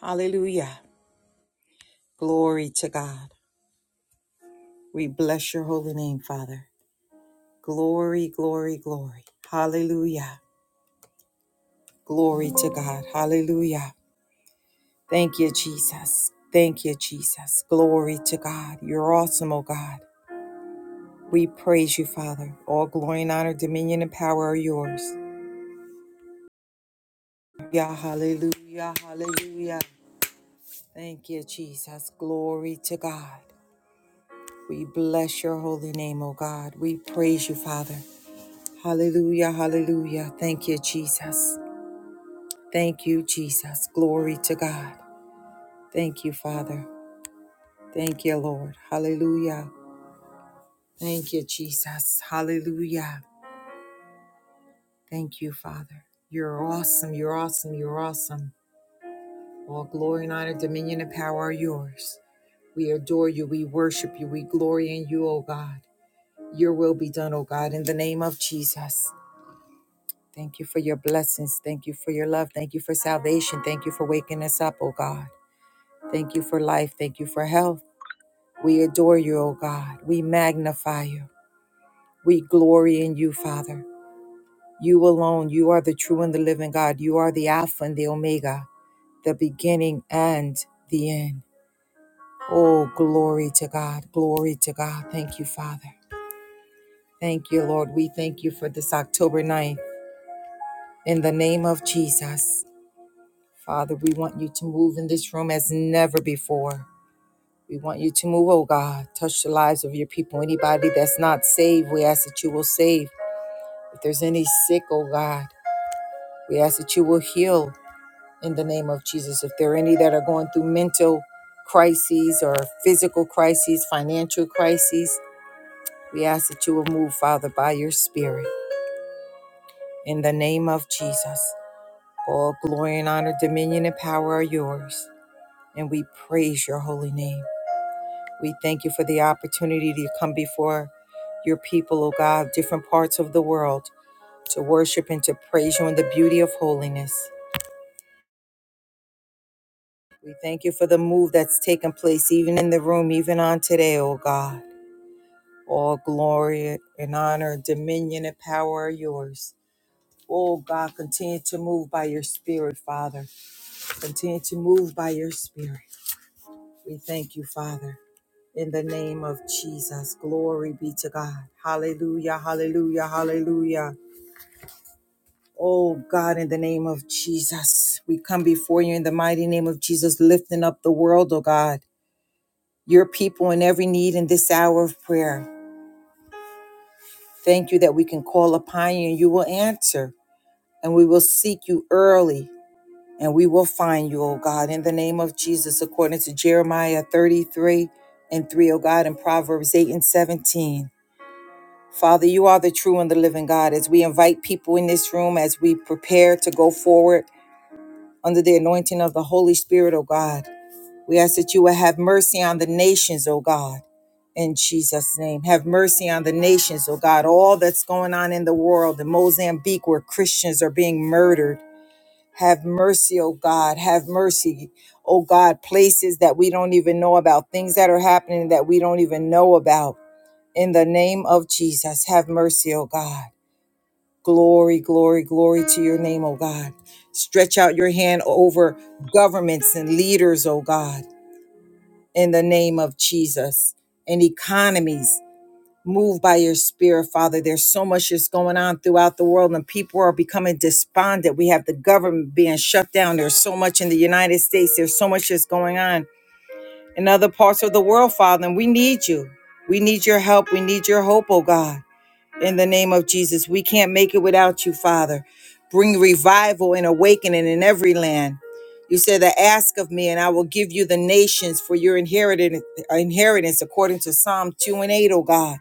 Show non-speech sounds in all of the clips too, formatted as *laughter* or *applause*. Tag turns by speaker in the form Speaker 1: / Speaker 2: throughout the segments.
Speaker 1: Hallelujah. Glory to God. We bless your holy name, Father. Glory, glory, glory. Hallelujah. Glory to God. Hallelujah. Thank you, Jesus. Thank you, Jesus. Glory to God. You're awesome, oh God. We praise you, Father. All glory and honor, dominion and power are yours. Yeah, hallelujah, hallelujah. Thank you, Jesus. Glory to God. We bless your holy name, O God. We praise you, Father. Hallelujah, hallelujah. Thank you, Jesus. Thank you, Jesus. Glory to God. Thank you, Father. Thank you, Lord. Hallelujah. Thank you, Jesus. Hallelujah. Thank you, Father. You're awesome. You're awesome. You're awesome. All glory and honor, dominion and power are yours. We adore you. We worship you. We glory in you, O God. Your will be done, O God, in the name of Jesus. Thank you for your blessings. Thank you for your love. Thank you for salvation. Thank you for waking us up, O God. Thank you for life. Thank you for health. We adore you, O God. We magnify you. We glory in you, Father. You alone, you are the true and the living God. You are the Alpha and the Omega, the beginning and the end. Oh, glory to God. Glory to God. Thank you, Father. Thank you, Lord. We thank you for this October ninth. In the name of Jesus, Father, we want you to move in this room as never before. We want you to move, oh God. Touch the lives of your people. Anybody that's not saved, we ask that you will save. If there's any sick, oh God, we ask that you will heal in the name of Jesus. If there are any that are going through mental crises or physical crises, financial crises, we ask that you will move, Father, by your Spirit in the name of Jesus. All glory and honor, dominion and power are yours. And we praise your holy name. We thank you for the opportunity to come before your people, O God, different parts of the world, to worship and to praise you in the beauty of holiness. We thank you for the move that's taken place even in the room, even on today, O God. All glory and honor, dominion and power are yours. Oh God, continue to move by your spirit, Father. Continue to move by your spirit. We thank you, Father. in the name of Jesus. Glory be to God. Hallelujah, hallelujah, hallelujah. Oh God, in the name of Jesus, we come before you in the mighty name of Jesus, lifting up the world, oh God, your people in every need in this hour of prayer. Thank you that we can call upon you and you will answer, and we will seek you early, and we will find you, oh God, in the name of Jesus, according to Jeremiah 33 and 3, O God, and Proverbs 8 and 17. Father, you are the true and the living God. As we invite people in this room, as we prepare to go forward under the anointing of the Holy Spirit, O God, we ask that you will have mercy on the nations, O God, in Jesus' name. Have mercy on the nations, O God. All that's going on in the world, in Mozambique, where Christians are being murdered. Have mercy, O God. Have mercy, O God. Places that we don't even know about, things that are happening that we don't even know about. In the name of Jesus, have mercy, O God. Glory, glory, glory to your name, oh God. Stretch out your hand over governments and leaders, oh God, in the name of Jesus, and economies. Move by your spirit, Father. There's so much that's going on throughout the world, and people are becoming despondent. We have the government being shut down. There's so much in the United States. There's so much that's going on in other parts of the world, Father, and we need you. We need your help. We need your hope, oh God in the name of Jesus. We can't make it without you, Father. Bring revival and awakening in every land. You said that ask of me, and I will give you the nations for your inheritance, inheritance according to Psalm 2 and 8, oh God.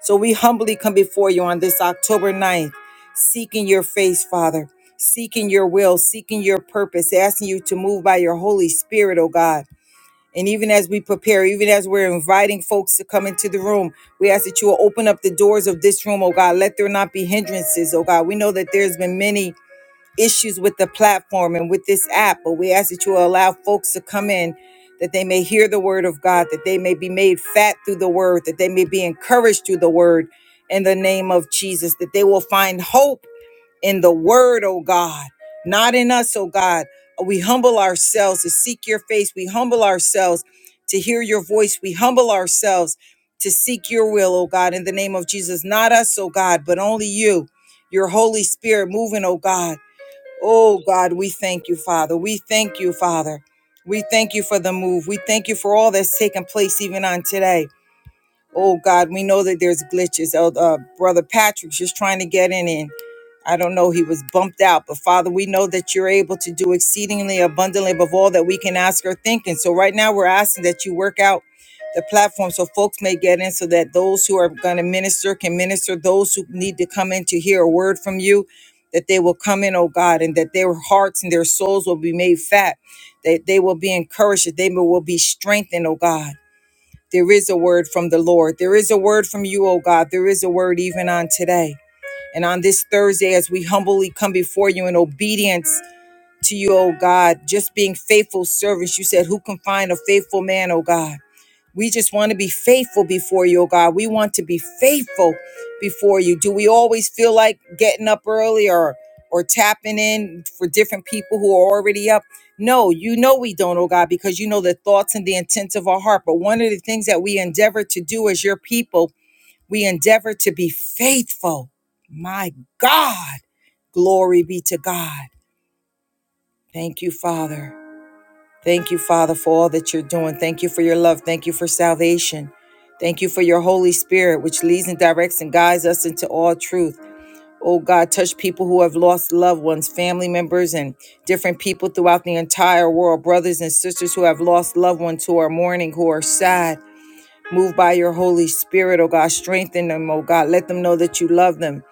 Speaker 1: So we humbly come before you on this October ninth, seeking your face, Father, seeking your will, seeking your purpose, asking you to move by your Holy Spirit, oh God. And even as we prepare, even as we're inviting folks to come into the room, we ask that you will open up the doors of this room, oh God. Let there not be hindrances, oh God. We know that there's been many issues with the platform and with this app, but we ask that you will allow folks to come in that they may hear the word of God, that they may be made fat through the word, that they may be encouraged through the word in the name of Jesus, that they will find hope in the word, oh God, not in us, oh God. We humble ourselves to seek your face. We humble ourselves to hear your voice. We humble ourselves to seek your will, oh God, in the name of Jesus. Not us, oh God, but only you, your Holy Spirit moving, oh God. Oh God, we thank you, Father. We thank you, Father. We thank you for the move. We thank you for all that's taken place even on today. Oh God, we know that there's glitches. Oh, uh, brother Patrick's just trying to get in, and I don't know, he was bumped out. But Father, we know that you're able to do exceedingly abundantly above all that we can ask or think. And so right now, we're asking that you work out the platform so folks may get in, so that those who are going to minister can minister. Those who need to come in to hear a word from you, that they will come in, oh God, and that their hearts and their souls will be made fat. That they will be encouraged. That they will be strengthened, oh God there is a word from the Lord. There is a word from you, O God. There is a word even on today. And on this Thursday, as we humbly come before you in obedience to you, O God, just being faithful servants, you said, Who can find a faithful man, O God? We just want to be faithful before you, oh God. We want to be faithful before you. Do we always feel like getting up early or or tapping in for different people who are already up? No, you know we don't, oh God, because you know the thoughts and the intents of our heart. But one of the things that we endeavor to do as your people, we endeavor to be faithful. My God, glory be to God. Thank you, Father. Thank you, Father, for all that you're doing. Thank you for your love. Thank you for salvation. Thank you for your Holy Spirit, which leads and directs and guides us into all truth. Oh God, touch people who have lost loved ones, family members, and different people throughout the entire world, brothers and sisters who have lost loved ones, who are mourning, who are sad. Move by your Holy Spirit, oh God. Strengthen them, oh God. Let them know that you love them.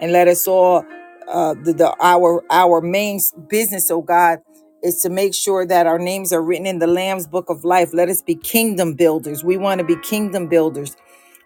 Speaker 1: And let us all uh the, the our our main business, oh God, is to make sure that our names are written in the Lamb's book of life. Let us be kingdom builders. We want to be kingdom builders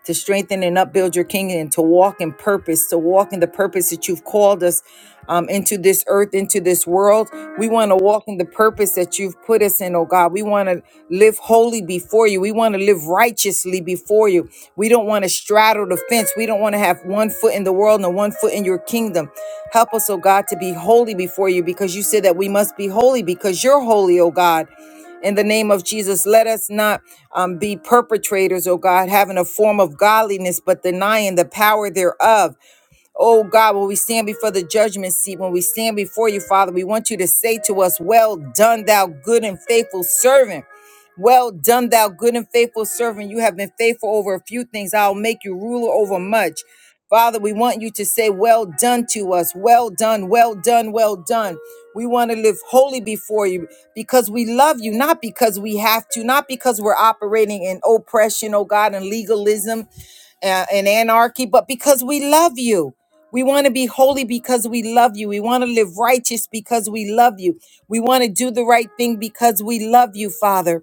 Speaker 1: to strengthen and upbuild your kingdom, to walk in purpose, to walk in the purpose that you've called us um, into this earth, into this world. We want to walk in the purpose that you've put us in, oh God. We want to live holy before you. We want to live righteously before you. We don't want to straddle the fence. We don't want to have one foot in the world and one foot in your kingdom. Help us, oh God, to be holy before you because you said that we must be holy because you're holy, oh God in the name of Jesus. Let us not um, be perpetrators, oh God, having a form of godliness but denying the power thereof. Oh God, when we stand before the judgment seat, when we stand before you, Father, we want you to say to us, Well done, thou good and faithful servant. Well done, thou good and faithful servant. You have been faithful over a few things. I'll make you ruler over much. Father, we want you to say, Well done to us. Well done, well done, well done. We want to live holy before you because we love you, not because we have to, not because we're operating in oppression, oh God, and legalism uh, and anarchy, but because we love you. We want to be holy because we love you. We want to live righteous because we love you. We want to do the right thing because we love you, Father,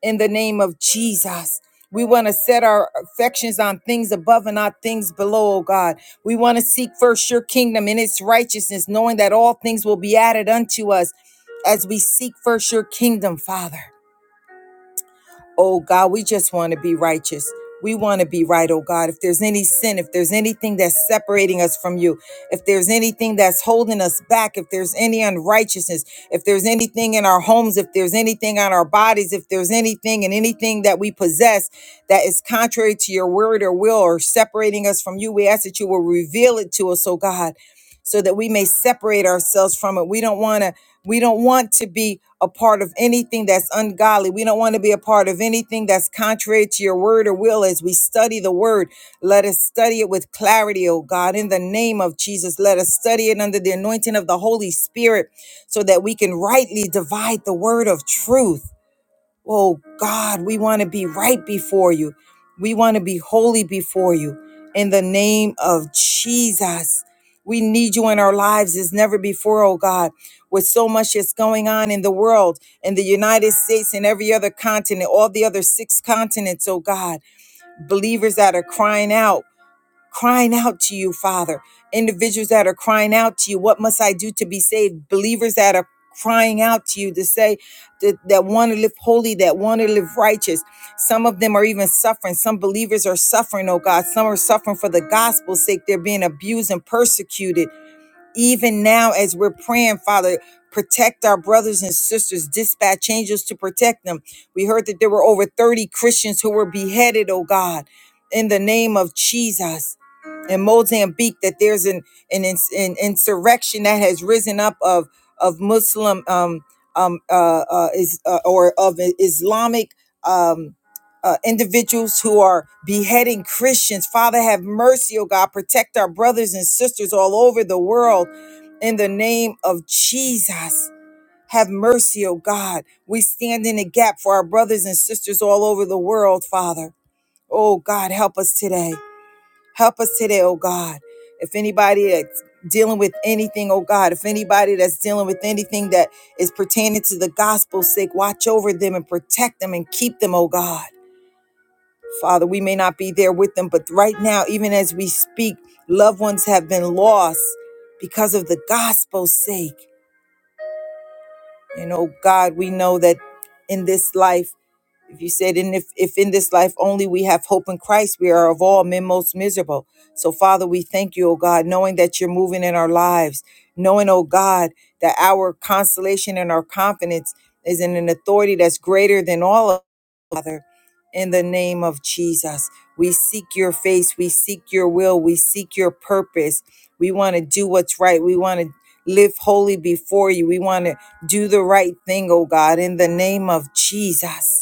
Speaker 1: in the name of Jesus. We want to set our affections on things above and not things below, oh God. We want to seek first your kingdom and its righteousness, knowing that all things will be added unto us as we seek first your kingdom, Father. Oh God, we just want to be righteous. We want to be right, oh God. If there's any sin, if there's anything that's separating us from you, if there's anything that's holding us back, if there's any unrighteousness, if there's anything in our homes, if there's anything on our bodies, if there's anything and anything that we possess that is contrary to your word or will or separating us from you, we ask that you will reveal it to us, oh God. So that we may separate ourselves from it. We don't want to we don't want to be a part of anything that's ungodly. We don't want to be a part of anything that's contrary to your word or will as we study the word. Let us study it with clarity, oh God, in the name of Jesus. Let us study it under the anointing of the Holy Spirit so that we can rightly divide the word of truth. Oh God, we want to be right before you. We want to be holy before you. In the name of Jesus, we need you in our lives as never before, oh God. With so much that's going on in the world, in the United States, and every other continent, all the other six continents, oh God, believers that are crying out crying out to you, Father. Individuals that are crying out to you, what must I do to be saved? Believers that are crying out to you to say that, that want to live holy, that want to live righteous. Some of them are even suffering. Some believers are suffering, oh God. Some are suffering for the gospel's sake. They're being abused and persecuted even now as we're praying, Father, protect our brothers and sisters, dispatch angels to protect them. We heard that there were over 30 Christians who were beheaded, oh God, in the name of Jesus. In Mozambique, that there's an, an, ins- an insurrection that has risen up of, of Muslim um, um, uh, uh, is, uh, or of Islamic. um uh, individuals who are beheading Christians. Father, have mercy, oh God. Protect our brothers and sisters all over the world in the name of Jesus. Have mercy, oh God. We stand in the gap for our brothers and sisters all over the world, Father. Oh God, help us today. Help us today, oh God. If anybody that's dealing with anything, oh God, if anybody that's dealing with anything that is pertaining to the gospel's sake, watch over them and protect them and keep them, oh God. Father, we may not be there with them, but right now, even as we speak, loved ones have been lost because of the gospel's sake. And oh God, we know that in this life, if you said, and if, if in this life only we have hope in Christ, we are of all men most miserable. So, Father, we thank you, oh God, knowing that you're moving in our lives, knowing, oh God, that our consolation and our confidence is in an authority that's greater than all of Father, in the name of Jesus. We seek your face. We seek your will. We seek your purpose. We want to do what's right. We want to live holy before you. We want to do the right thing, oh God, in the name of Jesus.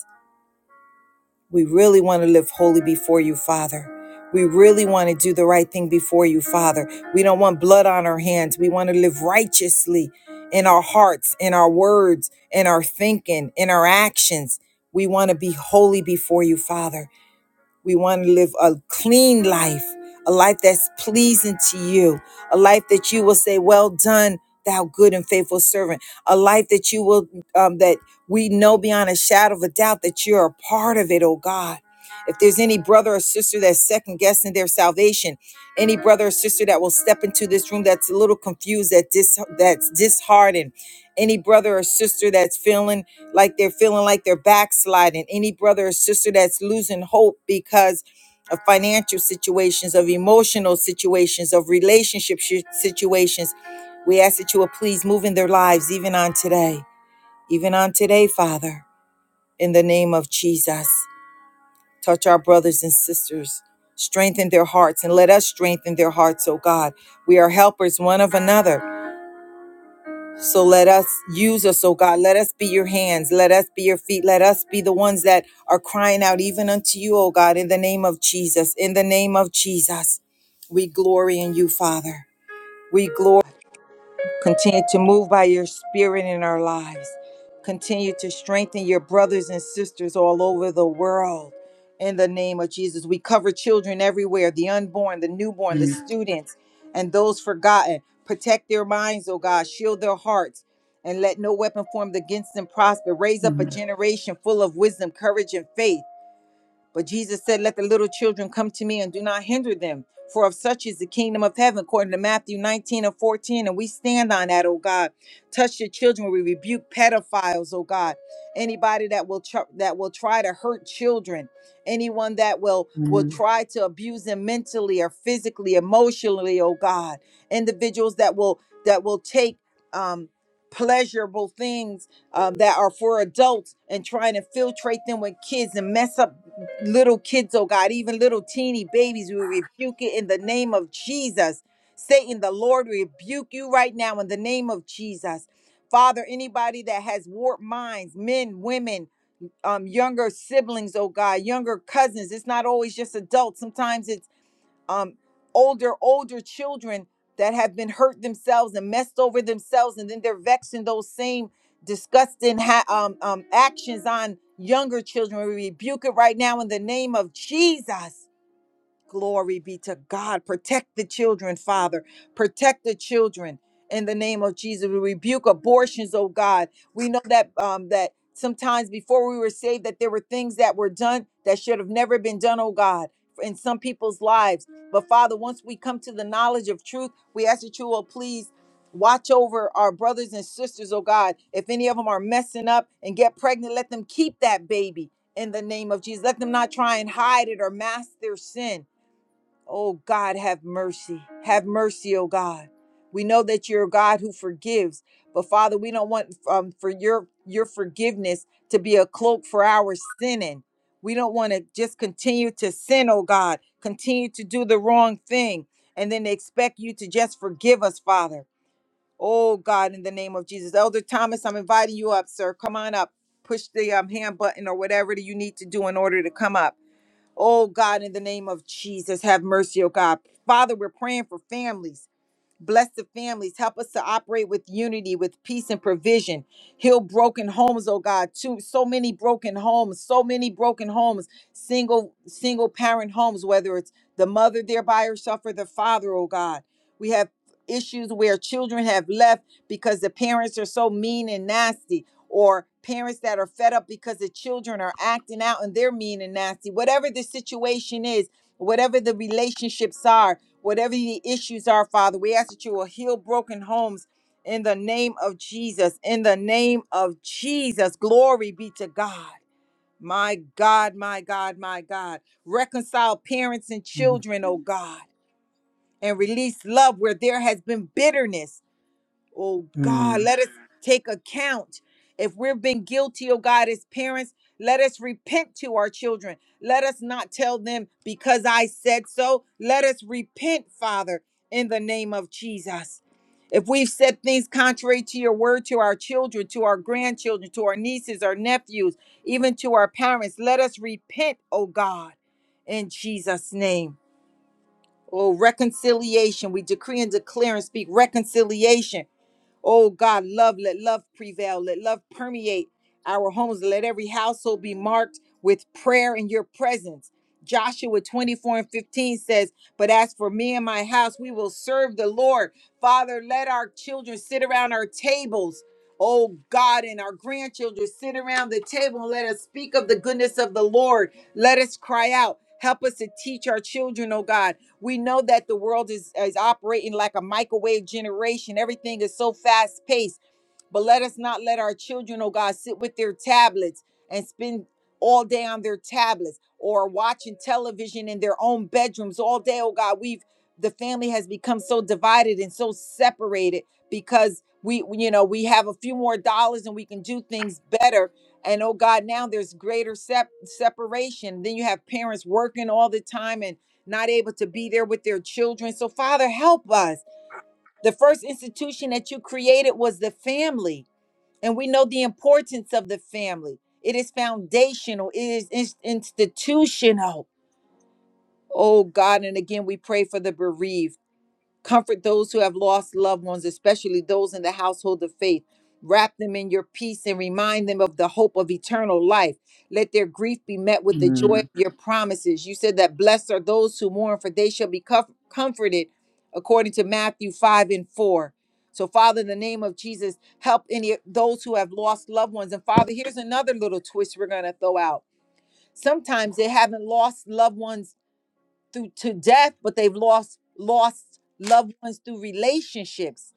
Speaker 1: We really want to live holy before you, Father. We really want to do the right thing before you, Father. We don't want blood on our hands. We want to live righteously in our hearts, in our words, in our thinking, in our actions. We want to be holy before you, Father. We want to live a clean life, a life that's pleasing to you, a life that you will say, Well done, thou good and faithful servant, a life that you will, um, that we know beyond a shadow of a doubt that you're a part of it, oh God. If there's any brother or sister that's second guessing their salvation, any brother or sister that will step into this room that's a little confused, that dis, that's disheartened, any brother or sister that's feeling like they're feeling like they're backsliding. Any brother or sister that's losing hope because of financial situations, of emotional situations, of relationship shi- situations, we ask that you will please move in their lives even on today, even on today, Father, in the name of Jesus. Touch our brothers and sisters. Strengthen their hearts and let us strengthen their hearts, oh God. We are helpers one of another. So let us use us, oh God. Let us be your hands. Let us be your feet. Let us be the ones that are crying out even unto you, oh God, in the name of Jesus. In the name of Jesus, we glory in you, Father. We glory. Continue to move by your spirit in our lives. Continue to strengthen your brothers and sisters all over the world. In the name of Jesus, we cover children everywhere the unborn, the newborn, the
Speaker 2: Mm,
Speaker 1: students, and those forgotten. Protect their minds, oh God. Shield their hearts and let no weapon formed against them prosper. Raise up a
Speaker 2: mm,
Speaker 1: generation full of wisdom, courage, and faith. But Jesus said, Let the little children come to me and do not hinder them, for of such is the kingdom of heaven, according to Matthew 19 and 14. And we stand on that, oh God. Touch your children. We rebuke pedophiles, oh God. Anybody that will tr- that will try to hurt children, anyone that will will
Speaker 2: mm,
Speaker 1: try to abuse them mentally or physically, emotionally, oh God. Individuals that will that will take um pleasurable things um, that are for adults and trying to filtrate them with kids and mess up little kids, oh God, even little teeny babies. We rebuke it in the name of Jesus. Satan, the Lord rebuke you right now in the name of Jesus. Father, anybody that has warped minds, men, women, um, younger siblings, oh God, younger cousins. It's not always just adults. Sometimes it's um, older older children that have been hurt themselves and messed over themselves, and then they're vexing those same disgusting ha- um, um, actions on younger children. We rebuke it right now in the name of Jesus Glory be to God. Protect the children, Father. Protect the children in the name of Jesus. We rebuke abortions, oh God. We know that um that sometimes before we were saved that there were things that were done that should have never been done, oh God, in some people's lives. But Father, once we come to the knowledge of truth, we ask that you will please Watch over our brothers and sisters, oh God. If any of them are messing up and get pregnant, let them keep that baby in the name of Jesus. Let them not try and hide it or mask their sin Oh God, have mercy. Have mercy, oh God. We know that you're a God who forgives, but Father, we don't want um, for your your forgiveness to be a cloak for our sinning. We don't want to just continue to sin, oh God, continue to do the wrong thing, and then expect you to just forgive us, Father. Oh God, in the name of Jesus. Elder Thomas, I'm inviting you up, sir. Come on up. Push the um, hand button or whatever that you need to do in order to come up. Oh God, in the name of Jesus, have mercy, oh God. Father, we're praying for families. Bless the families. Help us to operate with unity, with peace and provision. Heal broken homes, oh God. Too so many broken homes, so many broken homes, single, single parent homes, whether it's the mother there by herself or the father, oh God. We have issues where children have left because the parents are so mean and nasty, or parents that are fed up because the children are acting out and they're mean and nasty. Whatever the situation is, whatever the relationships are. Whatever the issues are, Father, we ask that you will heal broken homes in the name of Jesus. In the name of Jesus, glory be to God. My God, my God, my God. Reconcile parents and
Speaker 2: mm,
Speaker 1: children, oh God, and release love where there has been bitterness Oh God,
Speaker 2: mm,
Speaker 1: let us take account. If we've been guilty, oh God, as parents, let us repent to our children. Let us not tell them because I said so. Let us repent, Father, in the name of Jesus. If we've said things contrary to your word to our children, to our grandchildren, to our nieces, our nephews, even to our parents, let us repent, oh God, in Jesus' name. Oh, reconciliation. We decree and declare and speak reconciliation Oh God, love, let love prevail. Let love permeate our homes. Let every household be marked with prayer in your presence. Joshua 24 and 15 says, But as for me and my house, we will serve the Lord. Father, let our children sit around our tables. Oh God, and our grandchildren sit around the table and let us speak of the goodness of the Lord. Let us cry out. Help us to teach our children, oh God. We know that the world is, is operating like a microwave generation. Everything is so fast paced. But let us not let our children, oh God, sit with their tablets and spend all day on their tablets or watching television in their own bedrooms all day, oh God. We've the family has become so divided and so separated because we you know we have a few more dollars and we can do things better and oh god now there's greater sep- separation then you have parents working all the time and not able to be there with their children so father help us the first institution that you created was the family and we know the importance of the family. It is foundational, it is ins- institutional. Oh God, and again, we pray for the bereaved. Comfort those who have lost loved ones, especially those in the household of faith. Wrap them in your peace and remind them of the hope of eternal life. Let their grief be met with the
Speaker 2: mm,
Speaker 1: joy of your promises. You said that blessed are those who mourn, for they shall be comf- comforted, according to Matthew 5 and 4. So, Father, in the name of Jesus, help any of those who have lost loved ones. And, Father, here's another little twist we're going to throw out. Sometimes they haven't lost loved ones through to death, but they've lost lost loved ones through relationships.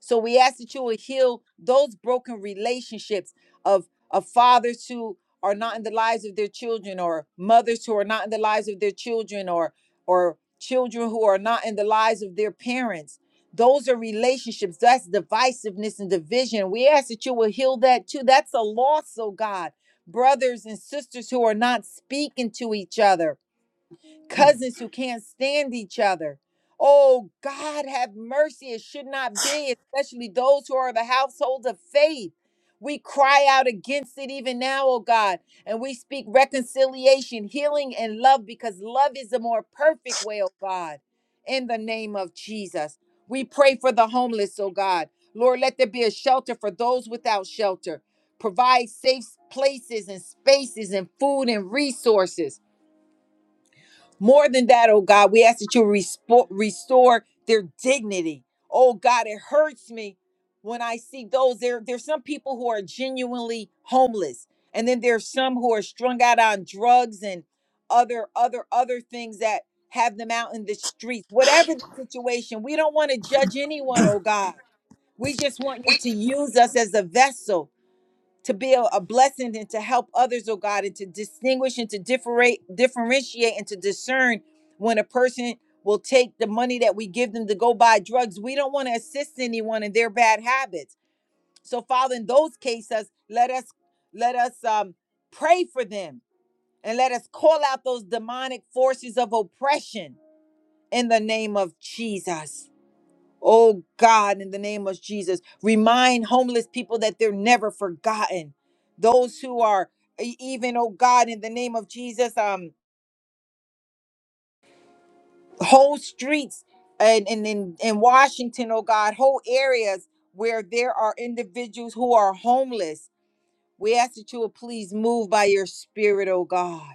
Speaker 1: So we ask that you will heal those broken relationships of of fathers who are not in the lives of their children, or mothers who are not in the lives of their children, or or children who are not in the lives of their parents. Those are relationships. That's divisiveness and division. We ask that you will heal that too. That's a loss, oh God. Brothers and sisters who are not speaking to each other cousins who can't stand each other. Oh, God, have mercy. It should not be, especially those who are the household of faith. We cry out against it even now, oh God, and we speak reconciliation, healing, and love because love is the more perfect way, oh God, in the name of Jesus. We pray for the homeless, oh God. Lord, let there be a shelter for those without shelter. Provide safe places and spaces and food and resources. More than that, oh God, we ask that you respo- restore their dignity. Oh God, it hurts me when I see those. There, there's some people who are genuinely homeless, and then there's some who are strung out on drugs and other, other, other things that have them out in the streets. Whatever the situation, we don't want to judge anyone, oh God. We just want you to use us as a vessel to be a, a blessing and to help others, oh God, and to distinguish and to differentiate, differentiate and to discern when a person will take the money that we give them to go buy drugs. We don't want to assist anyone in their bad habits. So, Father, in those cases, let us let us um, pray for them and let us call out those demonic forces of oppression in the name of Jesus. Oh God, in the name of Jesus, remind homeless people that they're never forgotten. Those who are e- even, oh God, in the name of Jesus, um, whole streets and in in, in Washington, oh God, whole areas where there are individuals who are homeless. We ask that you will please move by your spirit, oh God.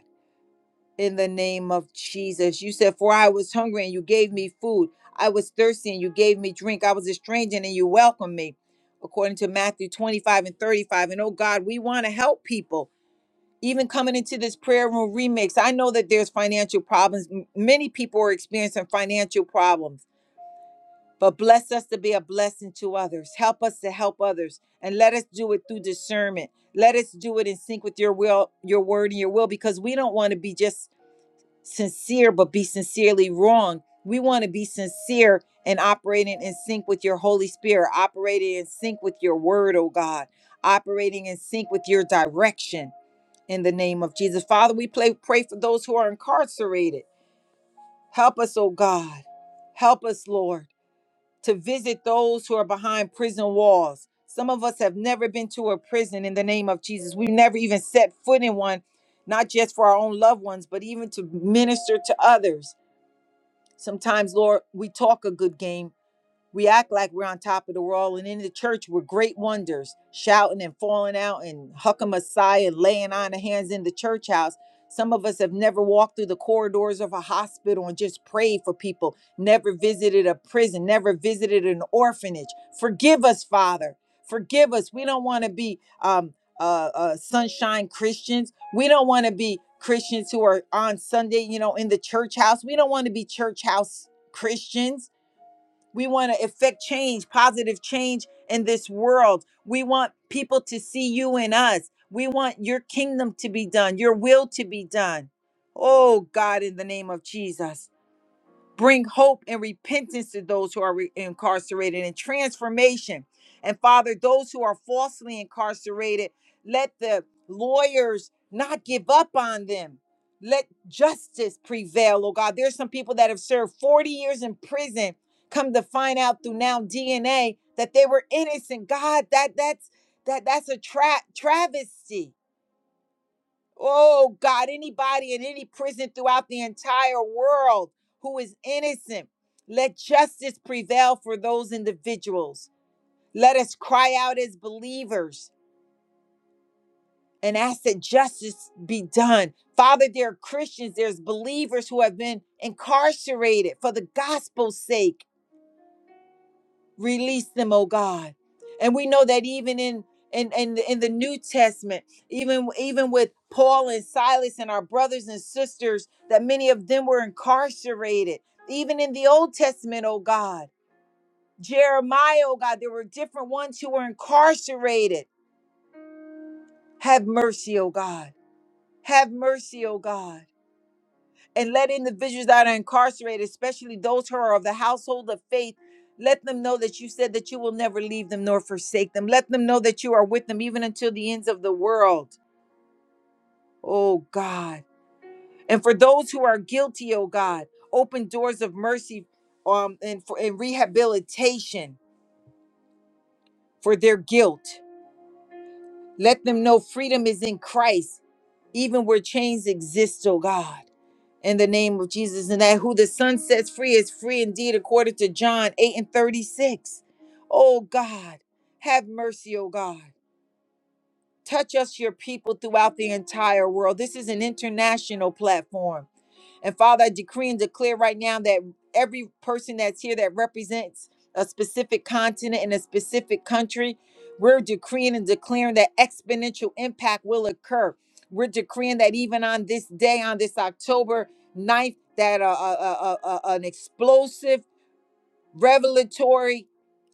Speaker 1: in the name of Jesus. You said, For I was hungry and you gave me food. I was thirsty and you gave me drink. I was a stranger and you welcomed me, according to Matthew 25 and 35. And oh God, we want to help people. Even coming into this prayer room remix, I know that there's financial problems. M- Many people are experiencing financial problems, but bless us to be a blessing to others. Help us to help others and let us do it through discernment. Let us do it in sync with your will, your word, and your will, because we don't want to be just sincere but be sincerely wrong. We want to be sincere and operating in sync with your Holy Spirit, operating in sync with your word, oh God, operating in sync with your direction in the name of Jesus. Father, we pray, pray for those who are incarcerated. Help us, oh God. Help us, Lord, to visit those who are behind prison walls. Some of us have never been to a prison in the name of Jesus. We've never even set foot in one, not just for our own loved ones, but even to minister to others. Sometimes, Lord, we talk a good game we act like we're on top of the world, and in the church, we're great wonders, shouting and falling out and hucking Messiah, laying on of hands in the church house. Some of us have never walked through the corridors of a hospital and just prayed for people, never visited a prison, never visited an orphanage. Forgive us, Father. Forgive us. We don't want to be um, uh, uh, sunshine Christians. We don't want to be Christians who are on Sunday, you know, in the church house. We don't want to be church house Christians. We want to effect change, positive change in this world. We want people to see you in us. We want your kingdom to be done, your will to be done. Oh, God, in the name of Jesus. Bring hope and repentance to those who are re- incarcerated and transformation. And Father, those who are falsely incarcerated, let the lawyers not give up on them. Let justice prevail, oh God. There's some people that have served 40 years in prison, come to find out through now DNA that they were innocent. God, that that's that that's a tra- travesty. Oh God, anybody in any prison throughout the entire world who is innocent, let justice prevail for those individuals. Let us cry out as believers and ask that justice be done. Father, there are Christians, there's believers who have been incarcerated for the gospel's sake. release them oh god and we know that even in in in the, in the new testament even even with paul and silas and our brothers and sisters that many of them were incarcerated even in the old testament oh god jeremiah oh god there were different ones who were incarcerated have mercy oh god have mercy oh god and let individuals that are incarcerated, especially those who are of the household of faith, let them know that you said that you will never leave them nor forsake them. Let them know that you are with them even until the ends of the world. Oh God. And for those who are guilty, oh God, open doors of mercy um, and, for, and rehabilitation for their guilt. Let them know freedom is in Christ even where chains exist, oh God, in the name of Jesus, and that who the Son sets free is free indeed, according to John 8 and 36. Oh God, have mercy, oh God. Touch us, your people, throughout the entire world. This is an international platform and Father, I decree and declare right now that every person that's here that represents a specific continent and a specific country, we're decreeing and declaring that exponential impact will occur. We're decreeing that even on this day, on this October ninth, that uh, uh, uh, uh, an explosive revelatory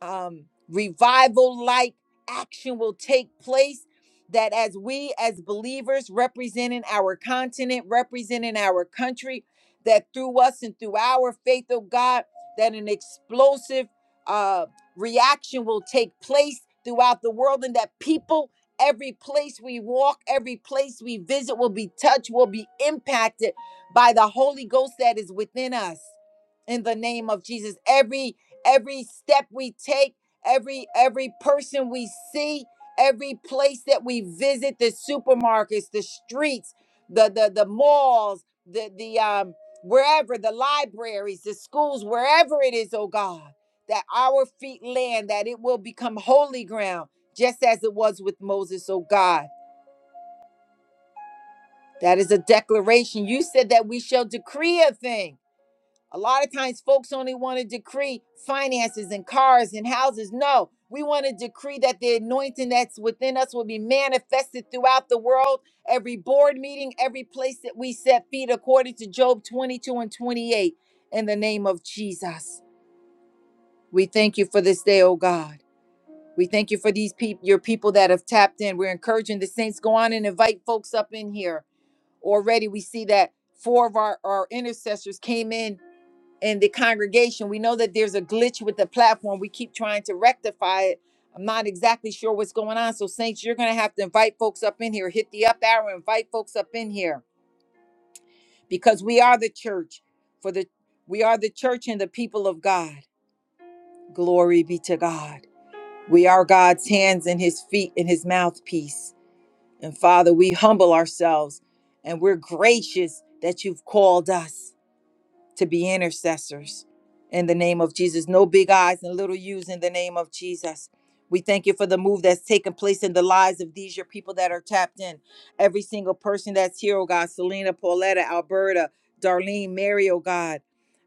Speaker 1: um, revival like action will take place. That as we, as believers, representing our continent, representing our country, that through us and through our faith of God, that an explosive uh, reaction will take place throughout the world, and that people, every place we walk, every place we visit, will be touched, will be impacted by the Holy Ghost that is within us in the name of Jesus. Every every step we take, every every person we see, every place that we visit, the supermarkets, the streets, the the the malls, the the um wherever the libraries, the schools, wherever it is, oh God, that our feet land, that it will become holy ground, just as it was with Moses, oh God. That is a declaration. You said that we shall decree a thing a lot of times, folks only want to decree finances and cars and houses. No, we want to decree that the anointing that's within us will be manifested throughout the world, every board meeting, every place that we set feet, according to Job 22 and 28. In the name of Jesus, we thank you for this day, oh God. We thank you for these people, your people that have tapped in. We're encouraging the saints go on and invite folks up in here. Already, we see that four of our, our intercessors came in in the congregation. We know that there's a glitch with the platform. We keep trying to rectify it. I'm not exactly sure what's going on. So, Saints, you're going to have to invite folks up in here. Hit the up arrow, invite folks up in here because we are the church for the we are the church and the people of God. Glory be to God. We are God's hands and his feet and his mouthpiece. And Father, we humble ourselves and we're gracious that you've called us. to be intercessors in the name of Jesus. No big eyes and little U's in the name of Jesus. We thank you for the move that's taken place in the lives of these your people that are tapped in. Every single person that's here, oh God, Selena, Pauletta, Alberta, Darlene, Mary, oh God.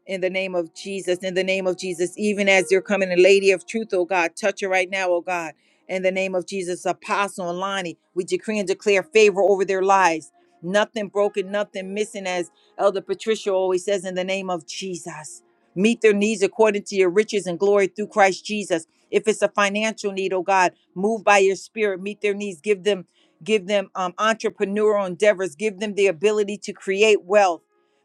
Speaker 1: In the name of Jesus, in the name of Jesus, even as you're coming, in, Lady of Truth, oh God, touch her right now, oh God. In the name of Jesus, Apostle and Lonnie, we decree and declare favor over their lives. Nothing broken, nothing missing, as Elder Patricia always says, in the name of Jesus, meet their needs according to your riches and glory through Christ Jesus. If it's a financial need, oh God, move by your spirit, meet their needs, give them, give them um, entrepreneurial endeavors, give them the ability to create wealth.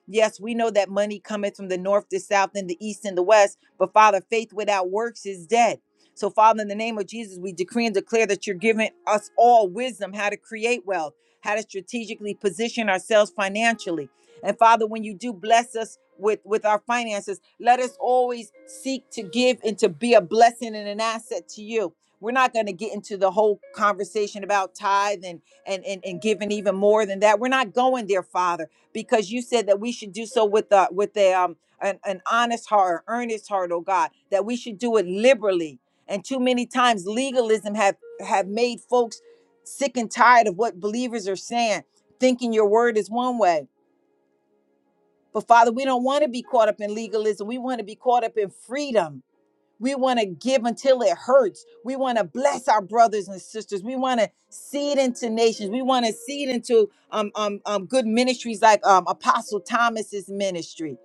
Speaker 1: Yes, we know that money cometh from the north, the south, and the east and the west, but Father, faith without works is dead. So, Father, in the name of Jesus, we decree and declare that you're giving us all wisdom how to create wealth, how to strategically position ourselves financially. And Father, when you do bless us with, with our finances, let us always seek to give and to be a blessing and an asset to you. We're not going to get into the whole conversation about tithe and, and, and, and giving even more than that. We're not going there, Father, because you said that we should do so with a, with a, um, an, an honest heart, or earnest heart, oh God, that we should do it liberally. And too many times legalism have, have made folks sick and tired of what believers are saying, thinking your word is one way but Father, we don't want to be caught up in legalism. We want to be caught up in freedom. We want to give until it hurts. We want to bless our brothers and sisters. We want to seed into nations. We want to seed into um, um, um, good ministries like um, Apostle Thomas's ministry.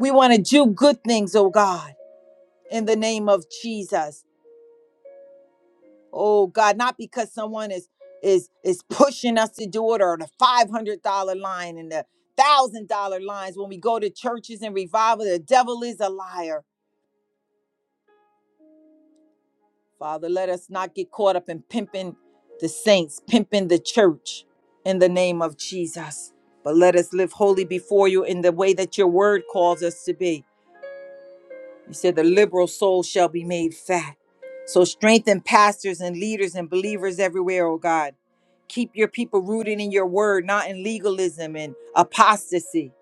Speaker 1: We want to do good things, oh God, in the name of Jesus. oh god not because someone is is is pushing us to do it or the $500 line and the $1000 lines when we go to churches and revival the devil is a liar father let us not get caught up in pimping the saints pimping the church in the name of jesus but let us live holy before you in the way that your word calls us to be You said the liberal soul shall be made fat. So strengthen pastors and leaders and believers everywhere, oh God. Keep your people rooted in your word, not in legalism and apostasy.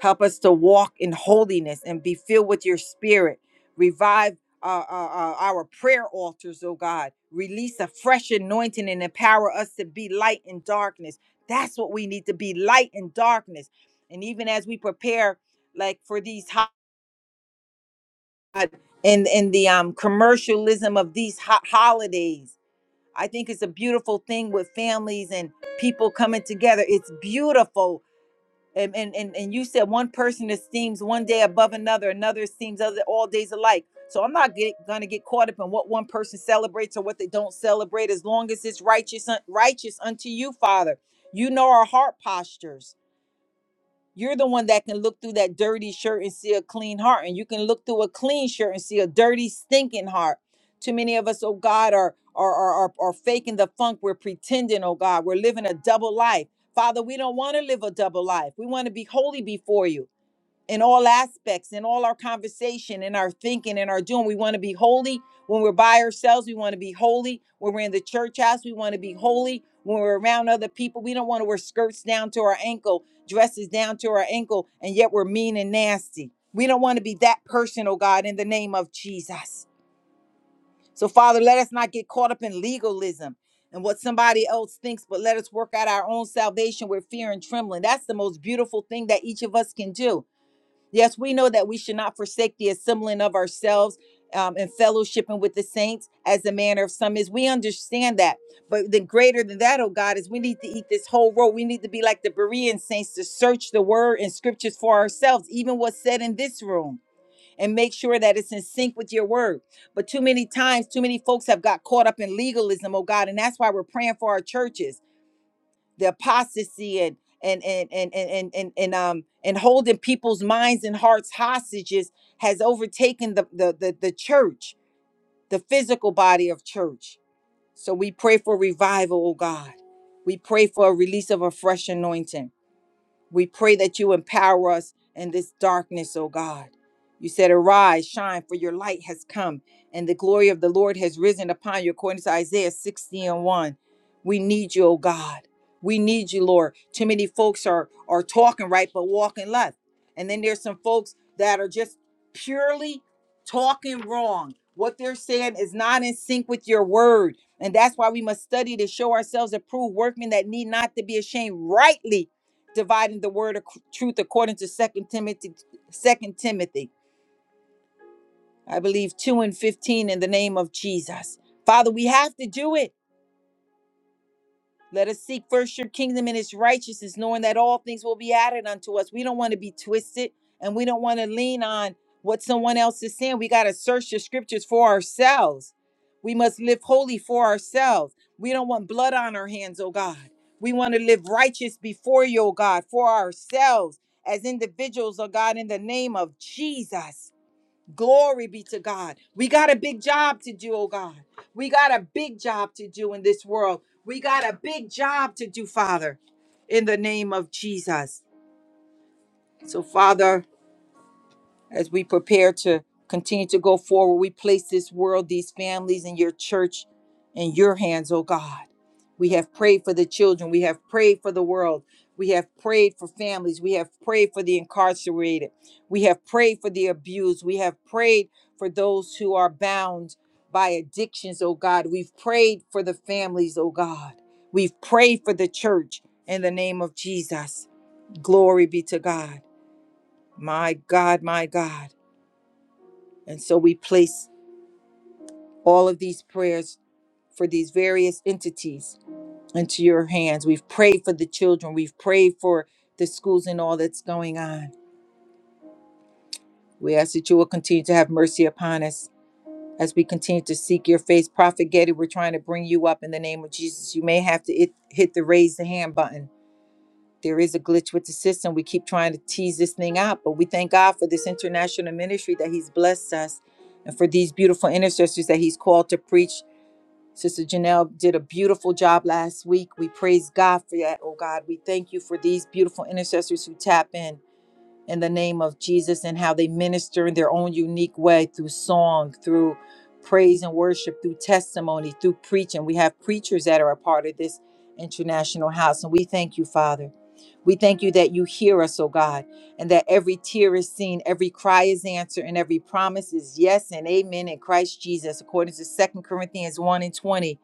Speaker 1: Help us to walk in holiness and be filled with your spirit. Revive uh, uh, uh, our prayer altars, oh God. Release a fresh anointing and empower us to be light in darkness. That's what we need to be light in darkness. And even as we prepare, like for these God and and the um commercialism of these ho- holidays. I think it's a beautiful thing with families and people coming together. It's beautiful. And and and, and you said one person esteems one day above another, another esteems other all days alike. So I'm not get, gonna get caught up in what one person celebrates or what they don't celebrate, as long as it's righteous un- righteous unto you, Father. You know our heart postures. You're the one that can look through that dirty shirt and see a clean heart. And you can look through a clean shirt and see a dirty, stinking heart. Too many of us, oh God, are are are, are, are faking the funk. We're pretending, oh God. We're living a double life. Father, we don't want to live a double life. We want to be holy before you in all aspects, in all our conversation, in our thinking, in our doing. We want to be holy when we're by ourselves. We want to be holy when we're in the church house. We want to be holy when we're around other people. We don't want to wear skirts down to our ankle, dresses down to our ankle, and yet we're mean and nasty. We don't want to be that person, oh God, in the name of Jesus. So, Father, let us not get caught up in legalism and what somebody else thinks, but let us work out our own salvation with fear and trembling. That's the most beautiful thing that each of us can do Yes, we know that we should not forsake the assembling of ourselves um, and fellowshipping with the saints as the manner of some is. We understand that. But the greater than that, oh God, is we need to eat this whole road. We need to be like the Berean saints to search the word and scriptures for ourselves, even what's said in this room, and make sure that it's in sync with your word. But too many times, too many folks have got caught up in legalism, oh God, and that's why we're praying for our churches the apostasy and and and and and and, and, and um and holding people's minds and hearts hostages has overtaken the, the the the church, the physical body of church. So we pray for revival, oh God. We pray for a release of a fresh anointing. We pray that you empower us in this darkness, O God. You said, Arise, shine, for your light has come, and the glory of the Lord has risen upon you, according to Isaiah 60 and 1. We need you, O God. We need you, Lord. Too many folks are, are talking right, but walking left. And then there's some folks that are just purely talking wrong. What they're saying is not in sync with your word. And that's why we must study to show ourselves approved workmen that need not to be ashamed, rightly dividing the word of truth according to second timothy second timothy i believe 2 and 15 in the name of jesus father we have to do it Let us seek first your kingdom and its righteousness, knowing that all things will be added unto us. We don't want to be twisted and we don't want to lean on what someone else is saying. We got to search the scriptures for ourselves. We must live holy for ourselves. We don't want blood on our hands, oh God. We want to live righteous before you, oh God, for ourselves as individuals, oh God, in the name of Jesus. Glory be to God. We got a big job to do, oh God. We got a big job to do in this world. We got a big job to do, Father, in the name of Jesus. So, Father, as we prepare to continue to go forward, we place this world, these families, and your church in your hands, oh God. We have prayed for the children. We have prayed for the world. We have prayed for families. We have prayed for the incarcerated. We have prayed for the abused. We have prayed for those who are bound by addictions, oh God. We've prayed for the families, oh God. We've prayed for the church in the name of Jesus. Glory be to God. My God, my God. And so we place all of these prayers for these various entities into your hands. We've prayed for the children, we've prayed for the schools and all that's going on. We ask that you will continue to have mercy upon us as we continue to seek your face. Prophet Getty, we're trying to bring you up in the name of Jesus. You may have to hit, hit the raise the hand button. There is a glitch with the system. We keep trying to tease this thing out, but we thank God for this international ministry that He's blessed us and for these beautiful intercessors that He's called to preach Sister Janelle did a beautiful job last week. We praise God for that. Oh God, we thank you for these beautiful intercessors who tap in in the name of Jesus and how they minister in their own unique way through song, through praise and worship, through testimony, through preaching. We have preachers that are a part of this international house, and we thank you, Father. We thank you that you hear us, oh God, and that every tear is seen, every cry is answered, and every promise is yes and amen in Christ Jesus, according to Second Corinthians 1 and 20,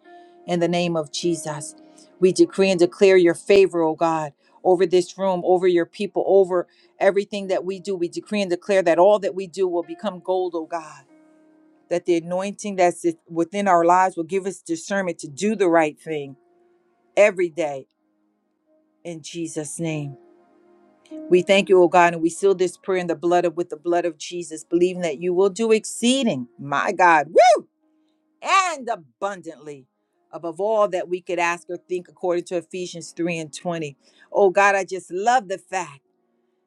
Speaker 1: in the name of Jesus. We decree and declare your favor, oh God, over this room, over your people, over. Everything that we do, we decree and declare that all that we do will become gold, oh God. That the anointing that's within our lives will give us discernment to do the right thing every day in Jesus' name. We thank you, oh God, and we seal this prayer in the blood of with the blood of Jesus, believing that you will do exceeding, my God, woo, and abundantly above all that we could ask or think according to Ephesians 3 and 20. Oh God, I just love the fact.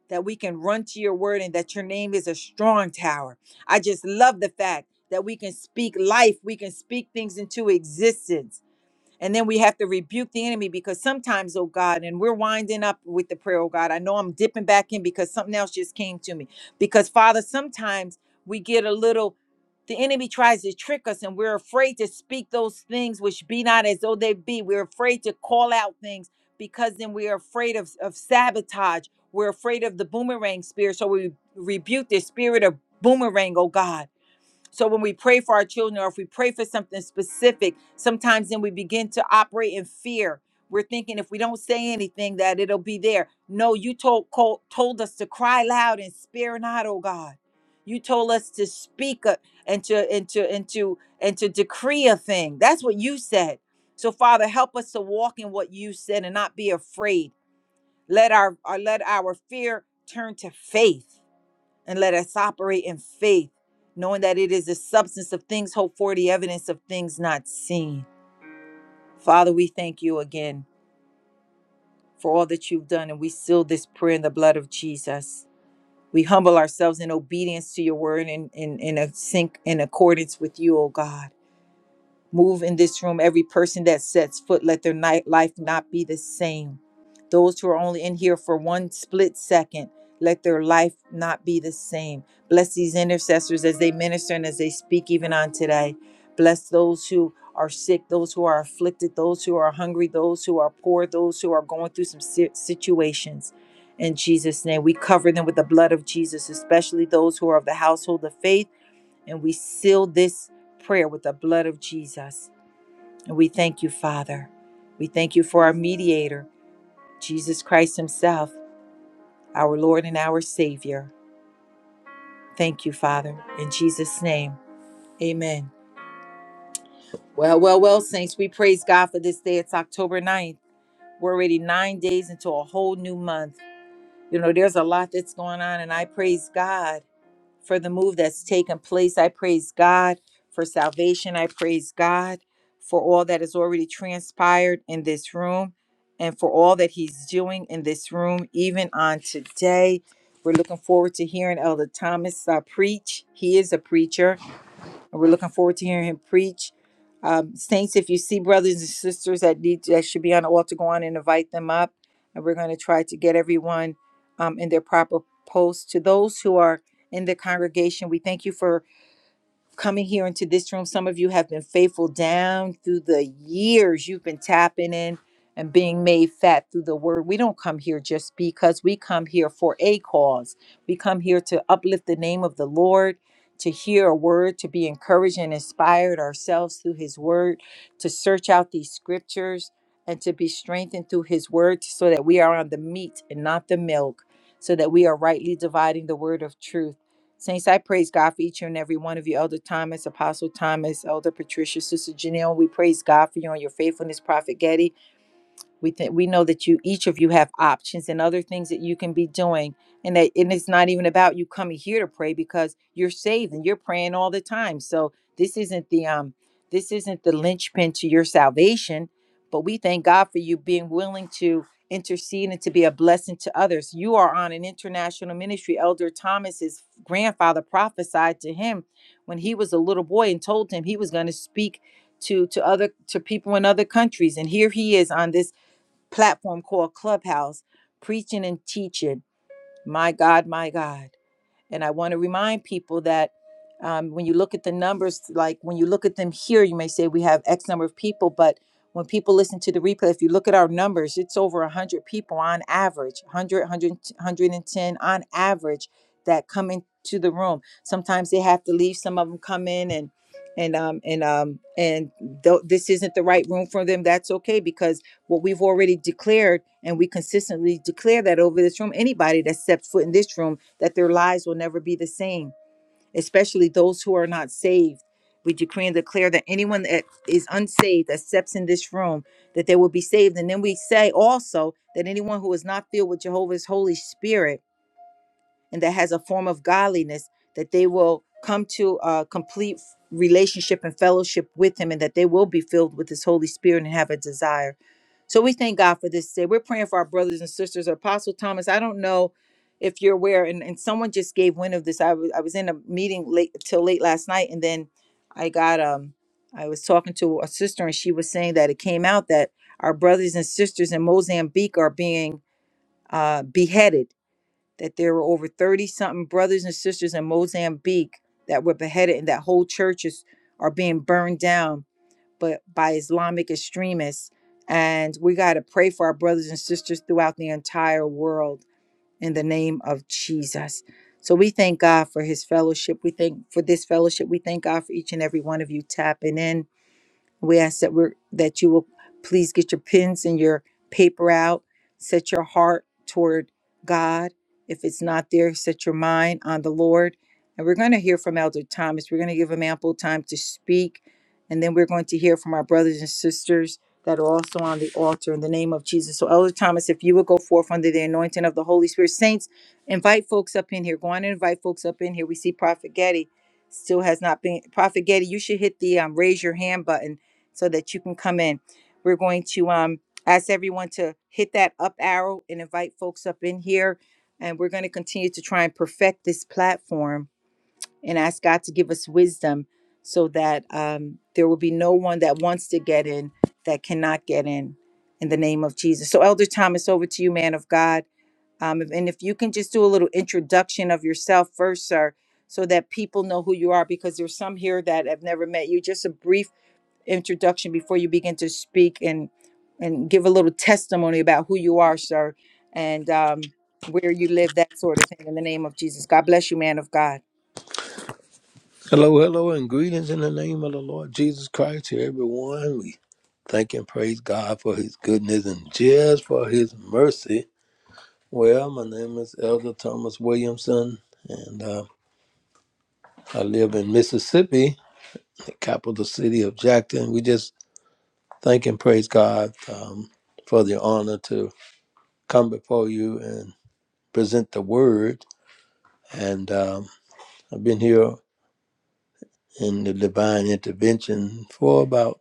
Speaker 1: that we can run to your word and that your name is a strong tower. I just love the fact that we can speak life, we can speak things into existence and then we have to rebuke the enemy because sometimes, oh God, and we're winding up with the prayer, oh God. I know I'm dipping back in because something else just came to me. Because, Father, sometimes we get a little, the enemy tries to trick us and we're afraid to speak those things which be not as though they be. We're afraid to call out things because then we're afraid of, of sabotage. We're afraid of the boomerang spirit. So we rebuke the spirit of boomerang, oh God. So when we pray for our children or if we pray for something specific, sometimes then we begin to operate in fear. We're thinking if we don't say anything that it'll be there. No, you told col- told us to cry loud and spare not, oh God. You told us to speak a, and to and to and to and to decree a thing. That's what you said. So Father, help us to walk in what you said and not be afraid. Let our, our let our fear turn to faith and let us operate in faith, knowing that it is the substance of things hoped for, the evidence of things not seen. Father, we thank you again for all that you've done, and we seal this prayer in the blood of Jesus. We humble ourselves in obedience to your word and in, in, in, a sync in accordance with you, O God. Move in this room. Every person that sets foot, let their night life not be the same. Those who are only in here for one split second, let their life not be the same. Bless these intercessors as they minister and as they speak, even on today. Bless those who are sick, those who are afflicted, those who are hungry, those who are poor, those who are going through some si- situations. In Jesus' name, we cover them with the blood of Jesus, especially those who are of the household of faith and we seal this prayer with the blood of Jesus. And we thank you, Father. We thank you for our mediator, Jesus Christ Himself, our Lord and our Savior. Thank you, Father. In Jesus' name, amen. Well, well, well, Saints, we praise God for this day. It's October ninth. We're already nine days into a whole new month. You know, there's a lot that's going on, and I praise God for the move that's taken place. I praise God for salvation. I praise God for all that has already transpired in this room and for all that He's doing in this room, even on today. We're looking forward to hearing Elder Thomas uh, preach. He is a preacher and we're looking forward to hearing him preach. Um, saints, if you see brothers and sisters that need that should be on the altar, go on and invite them up, and we're going to try to get everyone um, in their proper post. To those who are in the congregation, we thank you for coming here into this room. Some of you have been faithful down through the years. You've been tapping in and being made fat through the word. We don't come here just because we come here for a cause. We come here to uplift the name of the Lord, to hear a word, to be encouraged and inspired ourselves through his word, to search out these scriptures and to be strengthened through his word so that we are on the meat and not the milk, so that we are rightly dividing the word of truth. Saints, I praise God for each and every one of you, Elder Thomas, Apostle Thomas, Elder Patricia, Sister Janelle. We praise God for you and your faithfulness, Prophet Getty. We think we know that you each of you have options and other things that you can be doing, and that and it's not even about you coming here to pray because you're saved and you're praying all the time. So this isn't the um this isn't the linchpin to your salvation, but we thank God for you being willing to intercede and to be a blessing to others. You are on an international ministry. Elder Thomas's grandfather prophesied to him when he was a little boy and told him he was going to speak to to other to people in other countries and here he is on this platform called Clubhouse, preaching and teaching. My God, my God. And I want to remind people that um, when you look at the numbers, like when you look at them here, you may say we have X number of people, but when people listen to the replay, if you look at our numbers, it's over 100 people on average, 100, 100 110 on average that come into the room. Sometimes they have to leave. Some of them come in and and um and um and th- this isn't the right room for them. That's okay because what we've already declared and we consistently declare that over this room anybody that steps foot in this room that their lives will never be the same especially those who are not saved we decree and declare that anyone that is unsaved that steps in this room that they will be saved and then we say also that anyone who is not filled with jehovah's holy spirit and that has a form of godliness that they will come to a complete relationship and fellowship with him and that they will be filled with his holy spirit and have a desire so we thank God for this day. We're praying for our brothers and sisters. Apostle Thomas, I don't know if you're aware, and, and someone just gave wind of this. I was I was in a meeting late till late last night, and then I got um I was talking to a sister, and she was saying that it came out that our brothers and sisters in Mozambique are being uh, beheaded. That there were over thirty something brothers and sisters in Mozambique that were beheaded, and that whole churches are being burned down but by Islamic extremists. And we got to pray for our brothers and sisters throughout the entire world in the name of Jesus. So we thank God for his fellowship. We thank for this fellowship. We thank God for each and every one of you tapping in we ask that we that you will please get your pens and your paper out. Set your heart toward God. If it's not there, set your mind on the Lord. And we're going to hear from Elder Thomas. We're going to give him ample time to speak, and then we're going to hear from our brothers and sisters that are also on the altar in the name of Jesus. So, Elder Thomas, if you would go forth under the anointing of the Holy Spirit, saints, invite folks up in here. Go on and invite folks up in here. We see Prophet Getty still has not been. Prophet Getty, you should hit the um, raise your hand button so that you can come in. We're going to um, ask everyone to hit that up arrow and invite folks up in here. And we're going to continue to try and perfect this platform and ask God to give us wisdom so that um, there will be no one that wants to get in that cannot get in in the name of Jesus. So, Elder Thomas, over to you, man of God. Um, and if you can just do a little introduction of yourself first, sir, so that people know who you are, because there's some here that have never met you. Just a brief introduction before you begin to speak and and give a little testimony about who you are, sir, and um, where you live, that sort of thing. In the name of Jesus, God bless you, man of God.
Speaker 3: Hello, hello, and greetings in the name of the Lord Jesus Christ to everyone. We thank and praise God for his goodness and just for his mercy. Well, my name is Elder Thomas Williamson, and uh, I live in Mississippi, the capital city of Jackson. We just thank and praise God um, for the honor to come before you and present the word. And um, I've been here in the divine intervention for about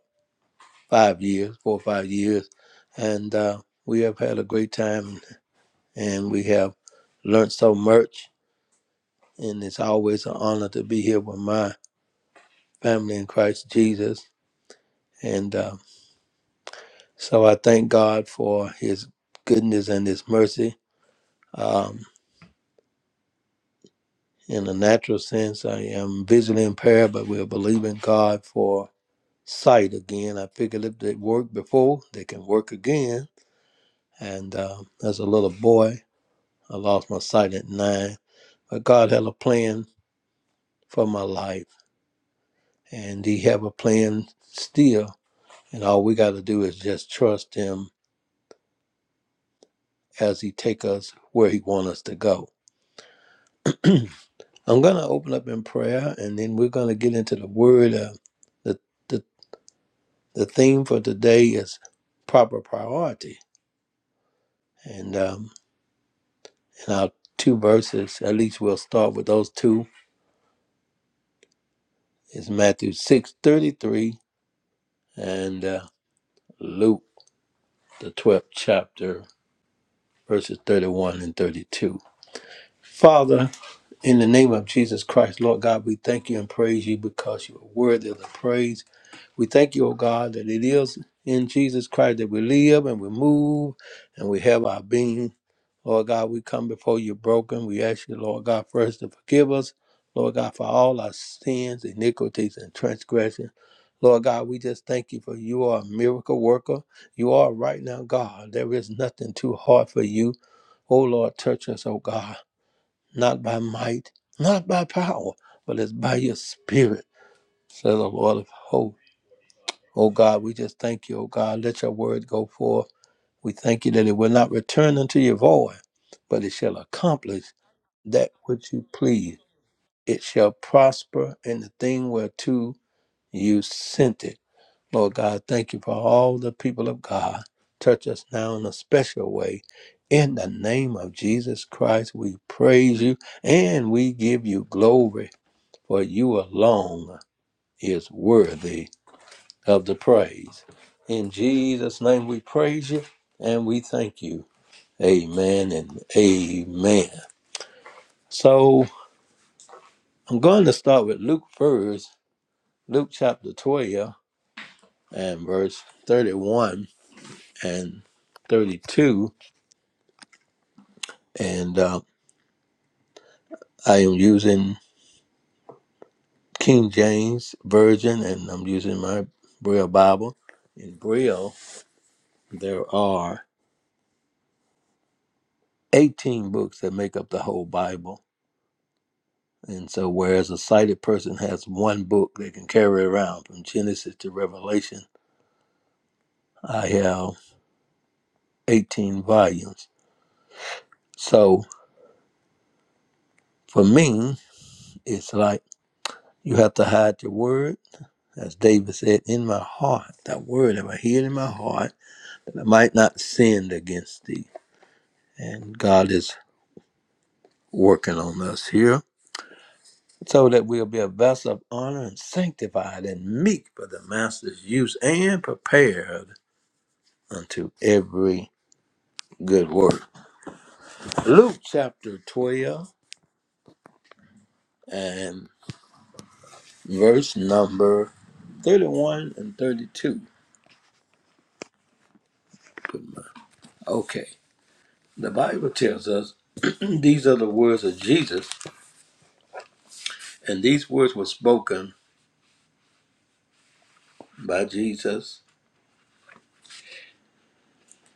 Speaker 3: five years, four or five years, and uh, we have had a great time, and we have learned so much. And it's always an honor to be here with my family in Christ Jesus. And uh, so I thank God for His goodness and His mercy. Um, in a natural sense, I am visually impaired, but we're believing God for sight again. I figured if they worked before, they can work again. And uh, as a little boy, I lost my sight at nine But God had a plan for my life, and He have a plan still. And all we got to do is just trust Him as He take us where He want us to go. *clears throat* I'm gonna open up in prayer, and then we're gonna get into the word. Uh, the the the theme for today is proper priority, and um, and our two verses, at least we'll start with those two. Is Matthew six thirty three and uh, Luke the twelfth chapter verses 31 and 32. Father, in the name of Jesus Christ, Lord God, we thank you and praise you because you are worthy of the praise. We thank you, O God, that it is in Jesus Christ that we live and we move and we have our being. Lord God, we come before you broken. We ask you, Lord God, first to forgive us, Lord God, for all our sins, iniquities, and transgressions. Lord God, we just thank you for you are a miracle worker. You are right now, God. There is nothing too hard for you. O Lord, touch us, O God, not by might, not by power, but it's by your spirit, says the Lord of hosts. O God, we just thank you, O God. Let your word go forth. We thank you that it will not return unto your void, but it shall accomplish that which you please. It shall prosper in the thing whereto you sent it. Lord God, thank you for all the people of God. Touch us now in a special way. In the name of Jesus Christ, we praise you and we give you glory, for you alone is worthy of the praise. In Jesus' name, we praise you and we thank you. Amen and amen. So I'm going to start with Luke first, Luke chapter 12 and verse 31 and 32 and uh, I am using King James Version, and I'm using my Braille Bible. In Braille, there are 18 books that make up the whole Bible. And so, whereas a sighted person has one book they can carry around from Genesis to Revelation, I have 18 volumes. So, for me, it's like you have to hide your word, as David said, in my heart, that word have I hid in my heart, that I might not sin against thee. And God is working on us here so that we'll be a vessel of honor and sanctified and meek for the master's use and prepared unto every good work. Luke chapter 12 and verse number 31 and 32. Okay, the Bible tells us *clears throat* these are the words of Jesus, and these words were spoken by Jesus,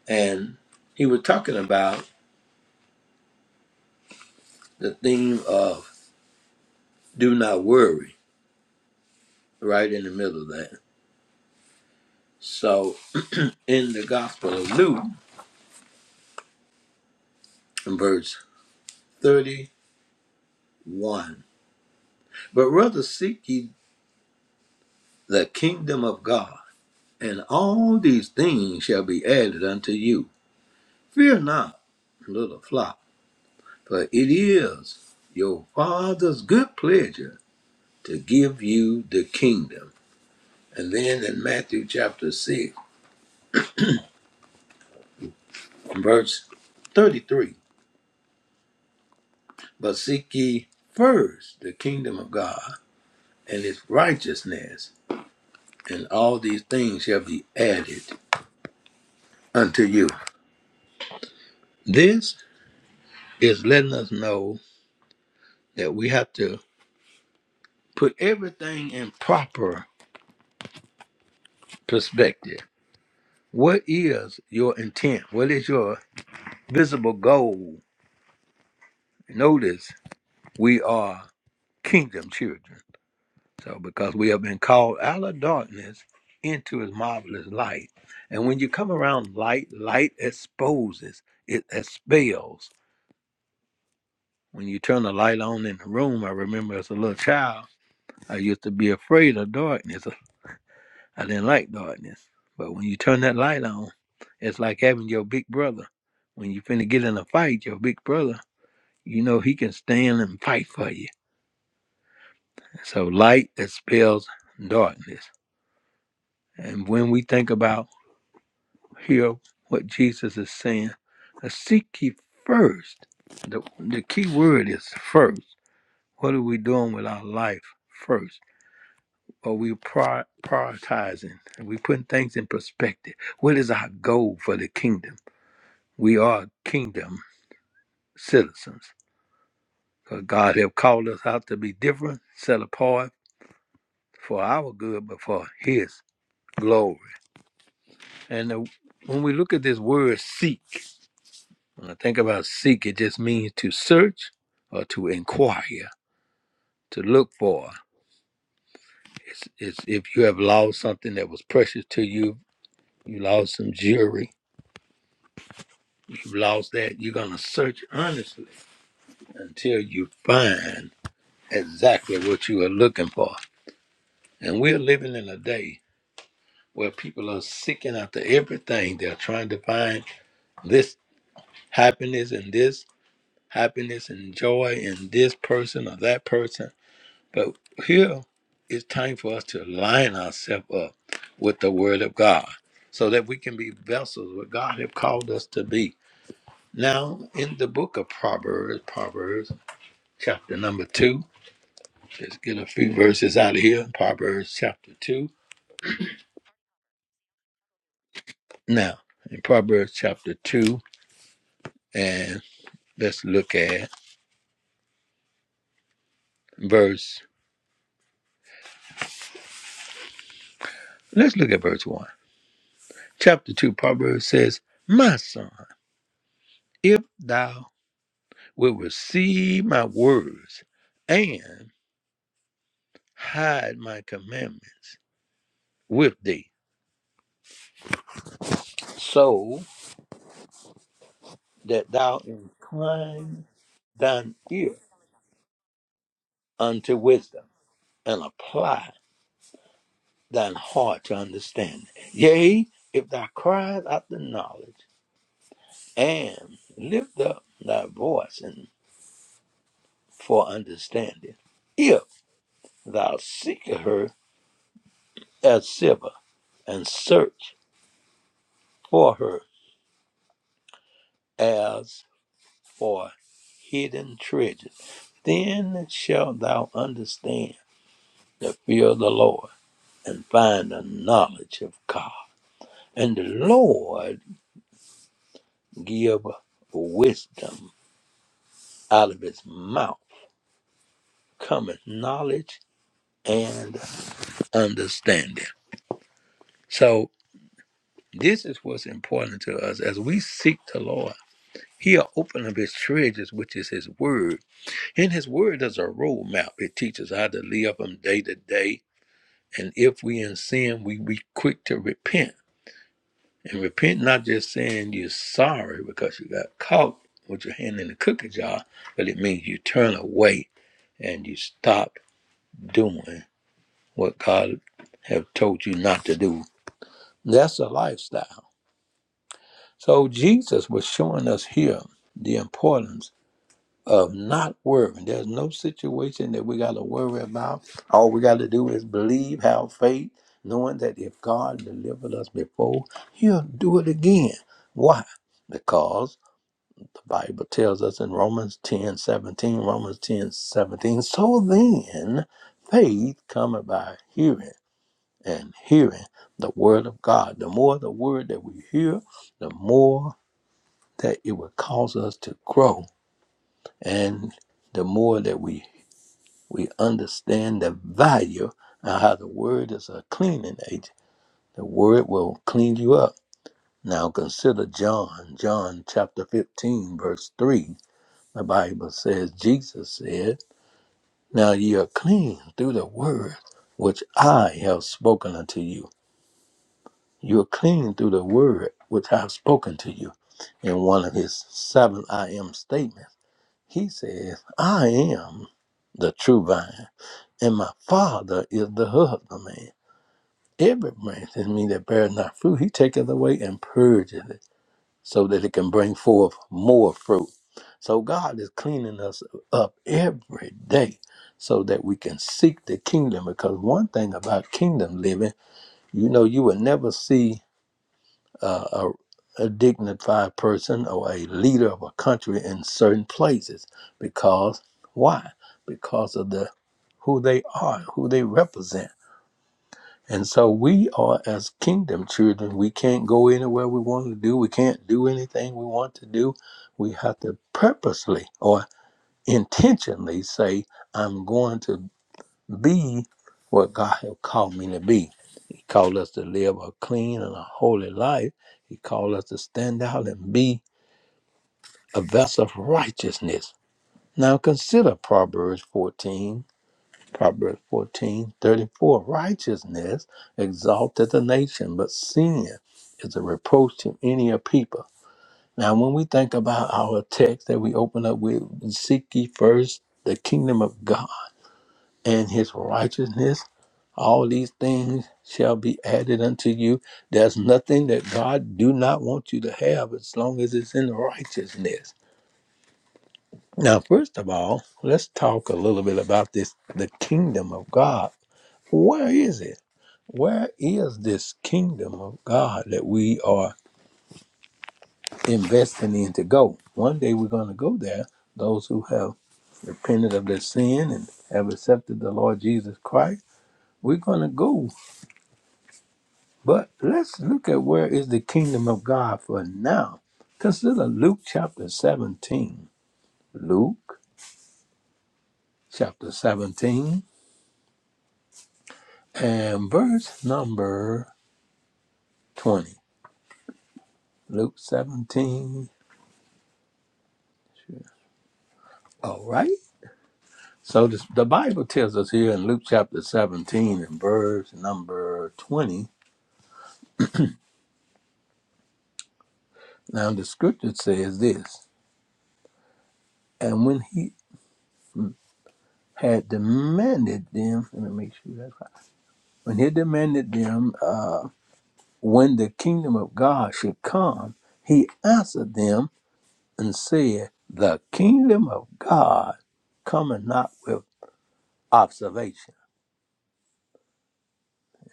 Speaker 3: and he was talking about the theme of do not worry, right in the middle of that. So in the Gospel of Luke, in verse 31, but rather seek ye the kingdom of God, and all these things shall be added unto you. Fear not, little flock, for it is your Father's good pleasure to give you the kingdom. And then in Matthew chapter 6, verse 33, but seek ye first the kingdom of God and his righteousness, and all these things shall be added unto you. This is letting us know that we have to put everything in proper perspective. What is your intent? What is your visible goal? Notice we are kingdom children. So, because we have been called out of darkness into his marvelous light. And when you come around light, light exposes, it expels. When you turn the light on in the room, I remember as a little child, I used to be afraid of darkness. I didn't like darkness. But when you turn that light on, it's like having your big brother. When you finna get in a fight, your big brother, you know he can stand and fight for you. So light expels darkness. And when we think about here what Jesus is saying, seek ye first. The, the key word is first. What are we doing with our life first? Are we prior- prioritizing? Are we putting things in perspective? What is our goal for the kingdom? We are kingdom citizens. 'Cause God have called us out to be different, set apart for our good, but for His glory. And the, when we look at this word seek, when I think about seek, it just means to search or to inquire, to look for. It's, it's if you have lost something that was precious to you, you lost some jewelry, you've lost that, you're going to search earnestly until you find exactly what you are looking for. And we're living in a day where people are seeking after everything. They're trying to find this happiness and this happiness and joy in this person or that person. But here, it's time for us to line ourselves up with the Word of God so that we can be vessels what God have called us to be. Now, in the book of Proverbs, Proverbs chapter number two. Let's get a few verses out of here. Proverbs chapter two. Now, in Proverbs chapter two, and let's look at verse. Let's look at verse one. Chapter two, Proverbs says, "My son, if thou will receive my words and hide my commandments with thee, so that thou incline thine ear unto wisdom and apply." thine heart to understand. Yea, if thou criest out the knowledge, and lift up thy voice and for understanding, if thou seek her as silver, and search for her as for hidden treasures, then shalt thou understand the fear of the Lord, and find the knowledge of God. And the Lord give wisdom out of his mouth cometh knowledge and understanding. So this is what's important to us as we seek the Lord. He'll open up his treasures, which is his word. And his word is a roadmap. It teaches how to live from day to day. And if we in sin, we be quick to repent. And repent not just saying you're sorry because you got caught with your hand in the cookie jar, but it means you turn away and you stop doing what God have told you not to do That's a lifestyle. So Jesus was showing us here the importance of not worrying. There's no situation that we got to worry about. All we got to do is believe, have faith, knowing that if God delivered us before, he'll do it again. Why? Because the Bible tells us in Romans 10:17, Romans 10:17. so then faith cometh by hearing and hearing the word of God. The more the word that we hear, the more that it will cause us to grow, and the more that we we understand the value and how the word is a cleaning agent. The word will clean you up. Now consider John, John chapter 15, verse 3. The Bible says, Jesus said, Now ye are clean through the word which I have spoken unto you You are clean through the word which I have spoken to you. In one of his seven I am statements, he says, I am the true vine, and my father is the husbandman. Every branch in me that bears not fruit, he taketh away and purgeth it, so that it can bring forth more fruit. So God is cleaning us up every day so that we can seek the kingdom. Because one thing about kingdom living, you know, you will never see uh, a, a dignified person or a leader of a country in certain places because why? Because of the who they are, who they represent. And so we are as kingdom children. We can't go anywhere we want to do. We can't do anything we want to do. We have to purposely or intentionally say, I'm going to be what God has called me to be. He called us to live a clean and a holy life. He called us to stand out and be a vessel of righteousness. Now consider Proverbs 14, Proverbs 14 34. Righteousness exalteth a nation, but sin is a reproach to any of people. Now, when we think about our text that we open up with, seek ye first the kingdom of God. and his righteousness. All these things shall be added unto you. There's nothing that God do not want you to have as long as it's in righteousness. Now, first of all, let's talk a little bit about this the kingdom of God. Where is it? Where is this kingdom of God that we are investing in to go? One day we're going to go there. Those who have repented of their sin and have accepted the Lord Jesus Christ, we're going to go. But let's look at where is the kingdom of God for now. Consider Luke chapter 17. Luke chapter 17 and verse number 20. Luke 17. All right. So this, the Bible tells us here in Luke chapter 17 and verse number 20. Now the scripture says this, and when he had demanded them, let me make sure that's right. When he demanded them uh, when the kingdom of God should come, he answered them and said, The kingdom of God cometh not with observation.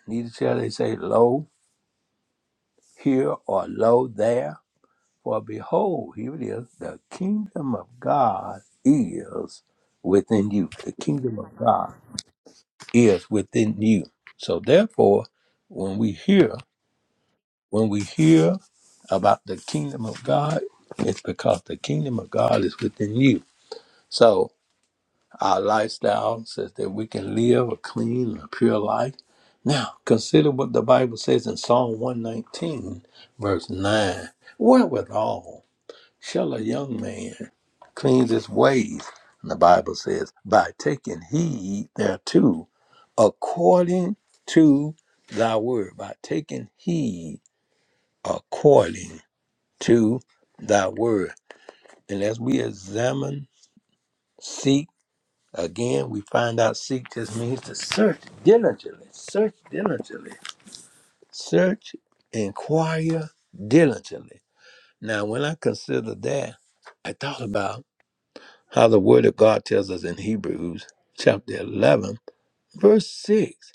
Speaker 3: Neither shall they say, Lo here or Lo there. For behold, here it is, the kingdom of God is within you. The kingdom of God is within you. So therefore, when we hear When we hear about the kingdom of God, it's because the kingdom of God is within you. So our lifestyle says that we can live a clean and a pure life. Now, consider what the Bible says in Psalm 119, verse 9. Wherewithal shall a young man cleanse his ways? And the Bible says, by taking heed thereto, according to thy word, by taking heed according to thy word. And as we examine, seek, again, we find out seek just means to search diligently, search diligently, search, inquire diligently. Now, when I consider that, I thought about how the word of God tells us in Hebrews chapter 11, verse 6.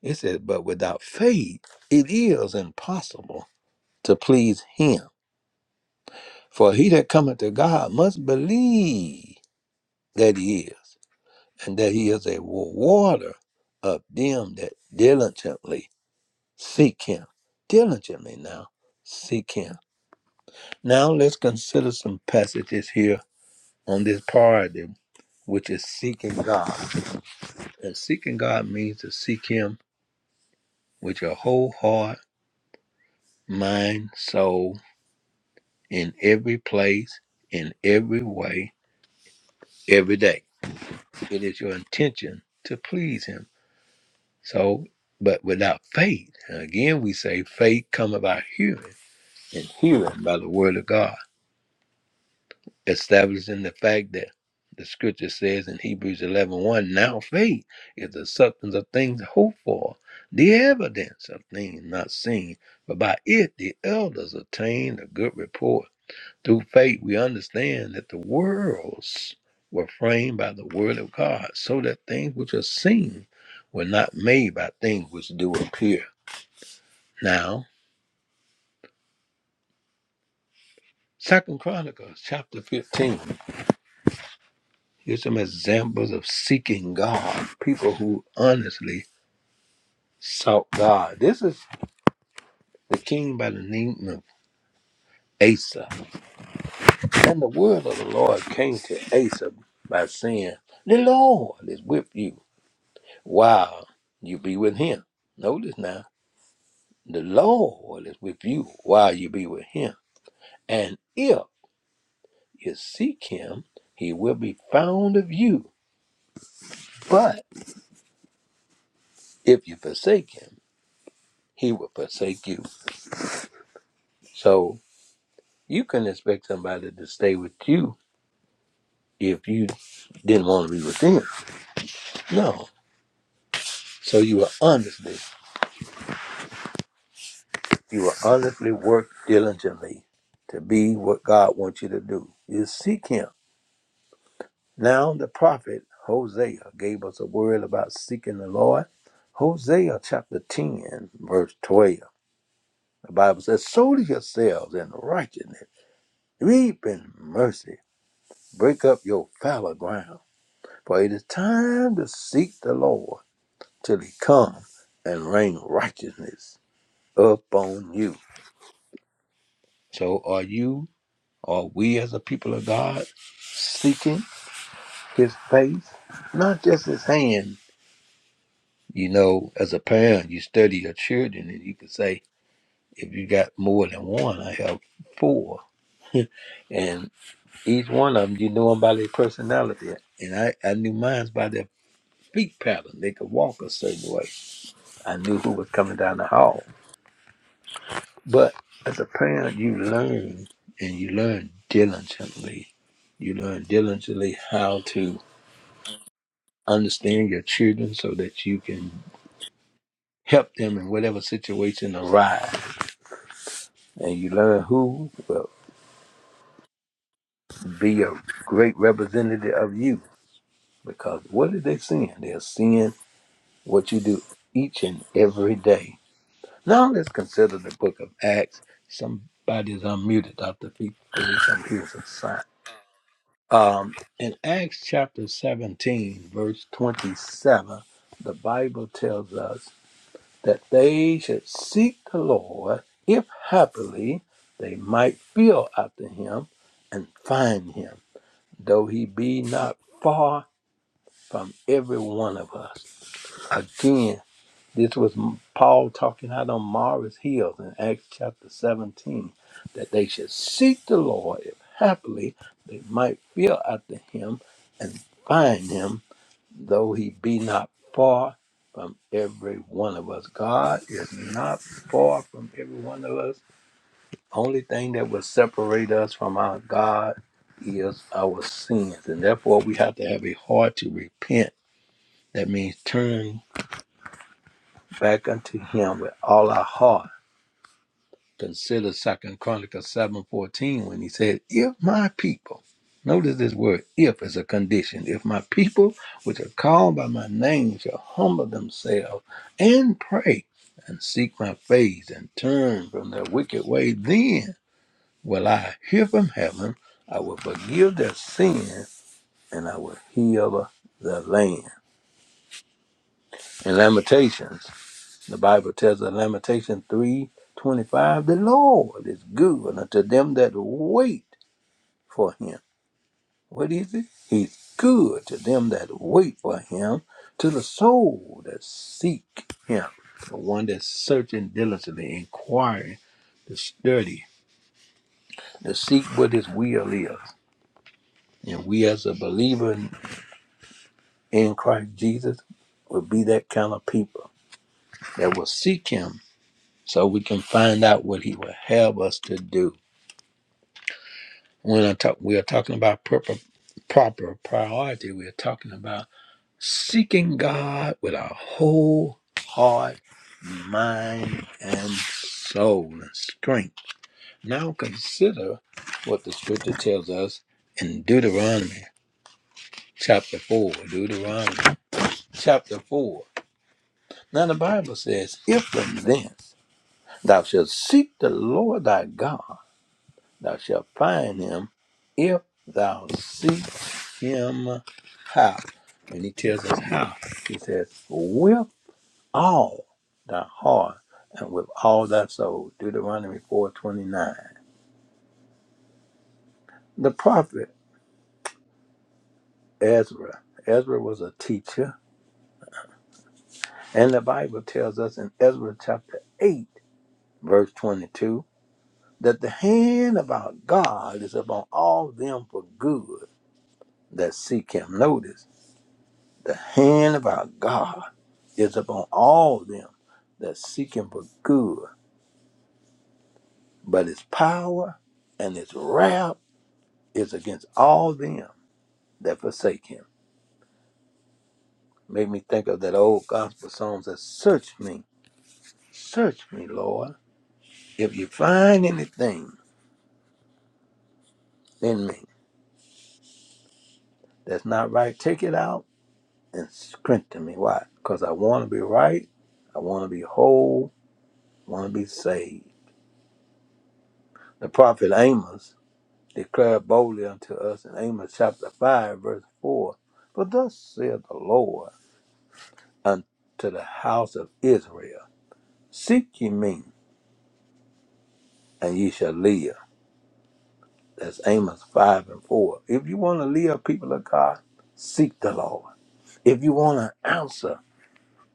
Speaker 3: It says, But without faith, it is impossible to please him. For he that cometh to God must believe that he is. and that he is a rewarder of them that diligently seek him. Diligently now seek him. Now let's consider some passages here on this priority, which is seeking God. And seeking God means to seek him with your whole heart, mind, soul, in every place, in every way, every day. It is your intention to please him So, but without faith, and again we say faith come about hearing, and hearing by the word of God, establishing the fact that the scripture says in Hebrews eleven one. now faith is the substance of things hoped for, the evidence of things not seen. But by it the elders obtained a good report. Through faith we understand that the worlds were framed by the word of God, so that things which are seen were not made by things which do appear. Now, Second Chronicles chapter 15 gives some examples of seeking God, people who honestly sought God. This is the king by the name of Asa. And the word of the Lord came to Asa by saying, The Lord is with you while you be with him. Notice now, the Lord is with you while you be with him. And if you seek him, he will be found of you. But if you forsake him, he will forsake you. So you couldn't expect somebody to stay with you if you didn't want to be with them. No. So you will honestly, you will honestly work diligently to be what God wants you to do. You seek Him. Now the prophet Hosea gave us a word about seeking the Lord. Hosea chapter 10, verse 12. The Bible says, Sow yourselves in righteousness, reap in mercy, break up your fallow ground. For it is time to seek the Lord till he come and rain righteousness upon you. So are you, are we as a people of God seeking his face, not just his hand? You know, as a parent, you study your children and you can say, if you got more than one, I have four. *laughs* and each one of them, you know them by their personality. And I, I knew mine by their feet pattern. They could walk a certain way. I knew who was coming down the hall. But as a parent, you learn and you learn diligently. You learn diligently how to understand your children so that you can help them in whatever situation arise. And you learn who will be a great representative of you. Because what are they seeing? They're seeing what you do each and every day. Now let's consider the book of Acts. Somebody's unmuted, Dr. Felicia. I'm here Um, in Acts chapter 17, verse 27, the Bible tells us that they should seek the Lord if happily they might feel after him and find him, though he be not far from every one of us. Again, this was M- Paul talking out on Mara's heels in Acts chapter 17, that they should seek the Lord if happily they might feel after him and find him, though he be not far from every one of us. God is not far from every one of us. Only thing that will separate us from our God is our sins. And therefore, we have to have a heart to repent. That means turn back unto him with all our heart Consider Second Chronicles seven fourteen when he said, If my people notice this word, if is a condition, if my people which are called by my name shall humble themselves and pray and seek my face and turn from their wicked way, then will I hear from heaven, I will forgive their sin, and I will heal their land. In Lamentations the Bible tells us in Lamentation three twenty five, the Lord is good unto them that wait for him. What is it? He's good to them that wait for him, to the soul that seek him, the one that's searching diligently, inquiring, to study, to seek what his will is. And we as a believer in, in Christ Jesus will be that kind of people that will seek him so we can find out what he will have us to do When I talk, we are talking about proper, proper priority. We are talking about seeking God with our whole heart, mind, and soul and strength. Now consider what the scripture tells us in Deuteronomy chapter 4. Deuteronomy chapter 4. Now the Bible says, If and then thou shalt seek the Lord thy God Thou shalt find him if thou seek him how. And he tells us how. He says, with all thy heart and with all thy soul. Deuteronomy 4.29. The prophet Ezra. Ezra was a teacher. And the Bible tells us in Ezra chapter 8, verse 22, that the hand of our God is upon all them for good that seek him. Notice the hand of our God is upon all them that seek him for good. But his power and his wrath is against all them that forsake him. Made me think of that old gospel song that says, search me, search me, Lord. If you find anything in me that's not right, take it out and strengthen me. Why? Because I want to be right. I want to be whole. I want to be saved. The prophet Amos declare boldly unto us in Amos chapter 5, verse 4. For thus saith the Lord unto the house of Israel, Seek ye me, and ye shall live. That's Amos 5 and 4. If you want to live, people of God, seek the Lord. If you want an answer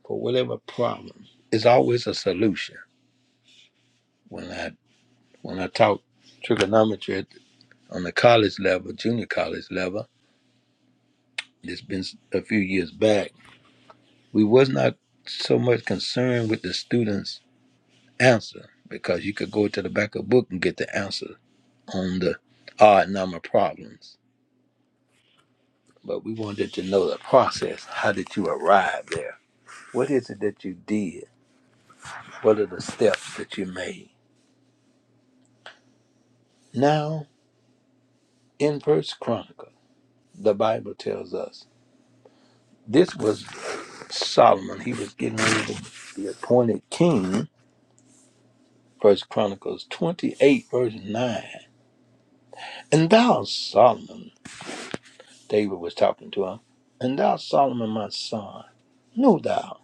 Speaker 3: for whatever problem, it's always a solution. When I when I talk trigonometry at- on the college level, junior college level, it's been a few years back We was not so much concerned with the student's answer because you could go to the back of the book and get the answer on the odd number problems. But we wanted to know the process. How did you arrive there? What is it that you did? What are the steps that you made? Now, in First Chronicle, the Bible tells us this was Solomon. He was getting ready to be appointed king. First Chronicles 28, verse 9. And thou, Solomon, David was talking to him. And thou, Solomon, my son, know thou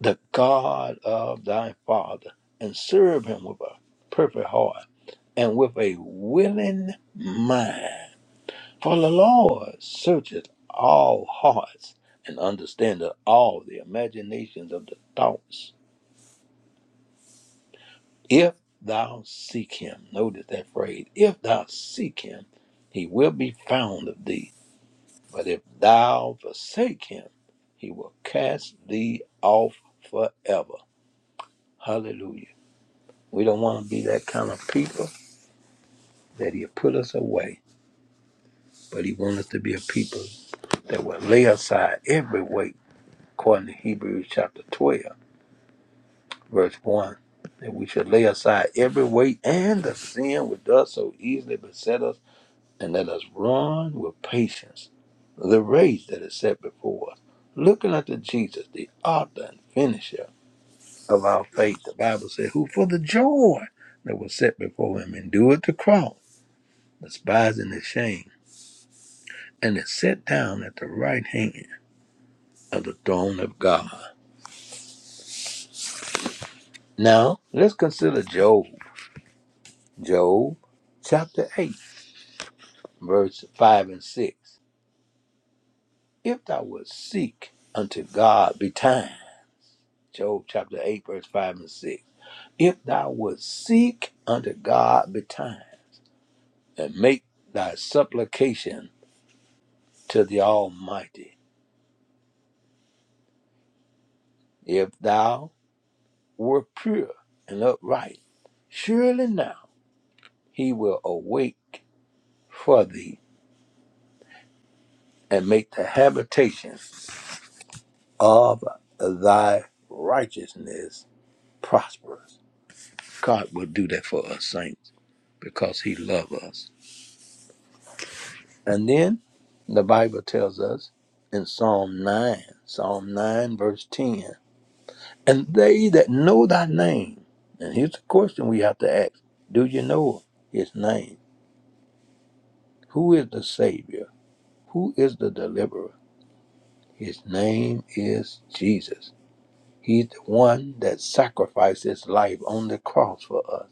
Speaker 3: the God of thy father, and serve him with a perfect heart and with a willing mind. For the Lord searcheth all hearts and understandeth all the imaginations of the thoughts. If thou seek him, notice that phrase, if thou seek him, he will be found of thee. But if thou forsake him, he will cast thee off forever. Hallelujah. We don't want to be that kind of people that he'll put us away, but he wants us to be a people that will lay aside every weight, according to Hebrews chapter 12, verse 1. That we should lay aside every weight and the sin which does so easily beset us, and let us run with patience the race that is set before us, looking unto Jesus, the author and finisher of our faith. The Bible said, Who for the joy that was set before him endured the cross, despising the shame, and is set down at the right hand of the throne of God. Now, let's consider Job. Job chapter 8, verse 5 and 6. If thou wilt seek unto God be Job chapter 8, verse 5 and 6. If thou wilt seek unto God be and make thy supplication to the Almighty If thou were pure and upright, surely now he will awake for thee and make the habitation of thy righteousness prosperous. God will do that for us saints because he loves us. And then the Bible tells us in Psalm 9, Psalm 9, verse 10, and they that know thy name, and here's the question we have to ask do you know his name? Who is the Savior? Who is the Deliverer? His name is Jesus. He's the one that sacrificed his life on the cross for us.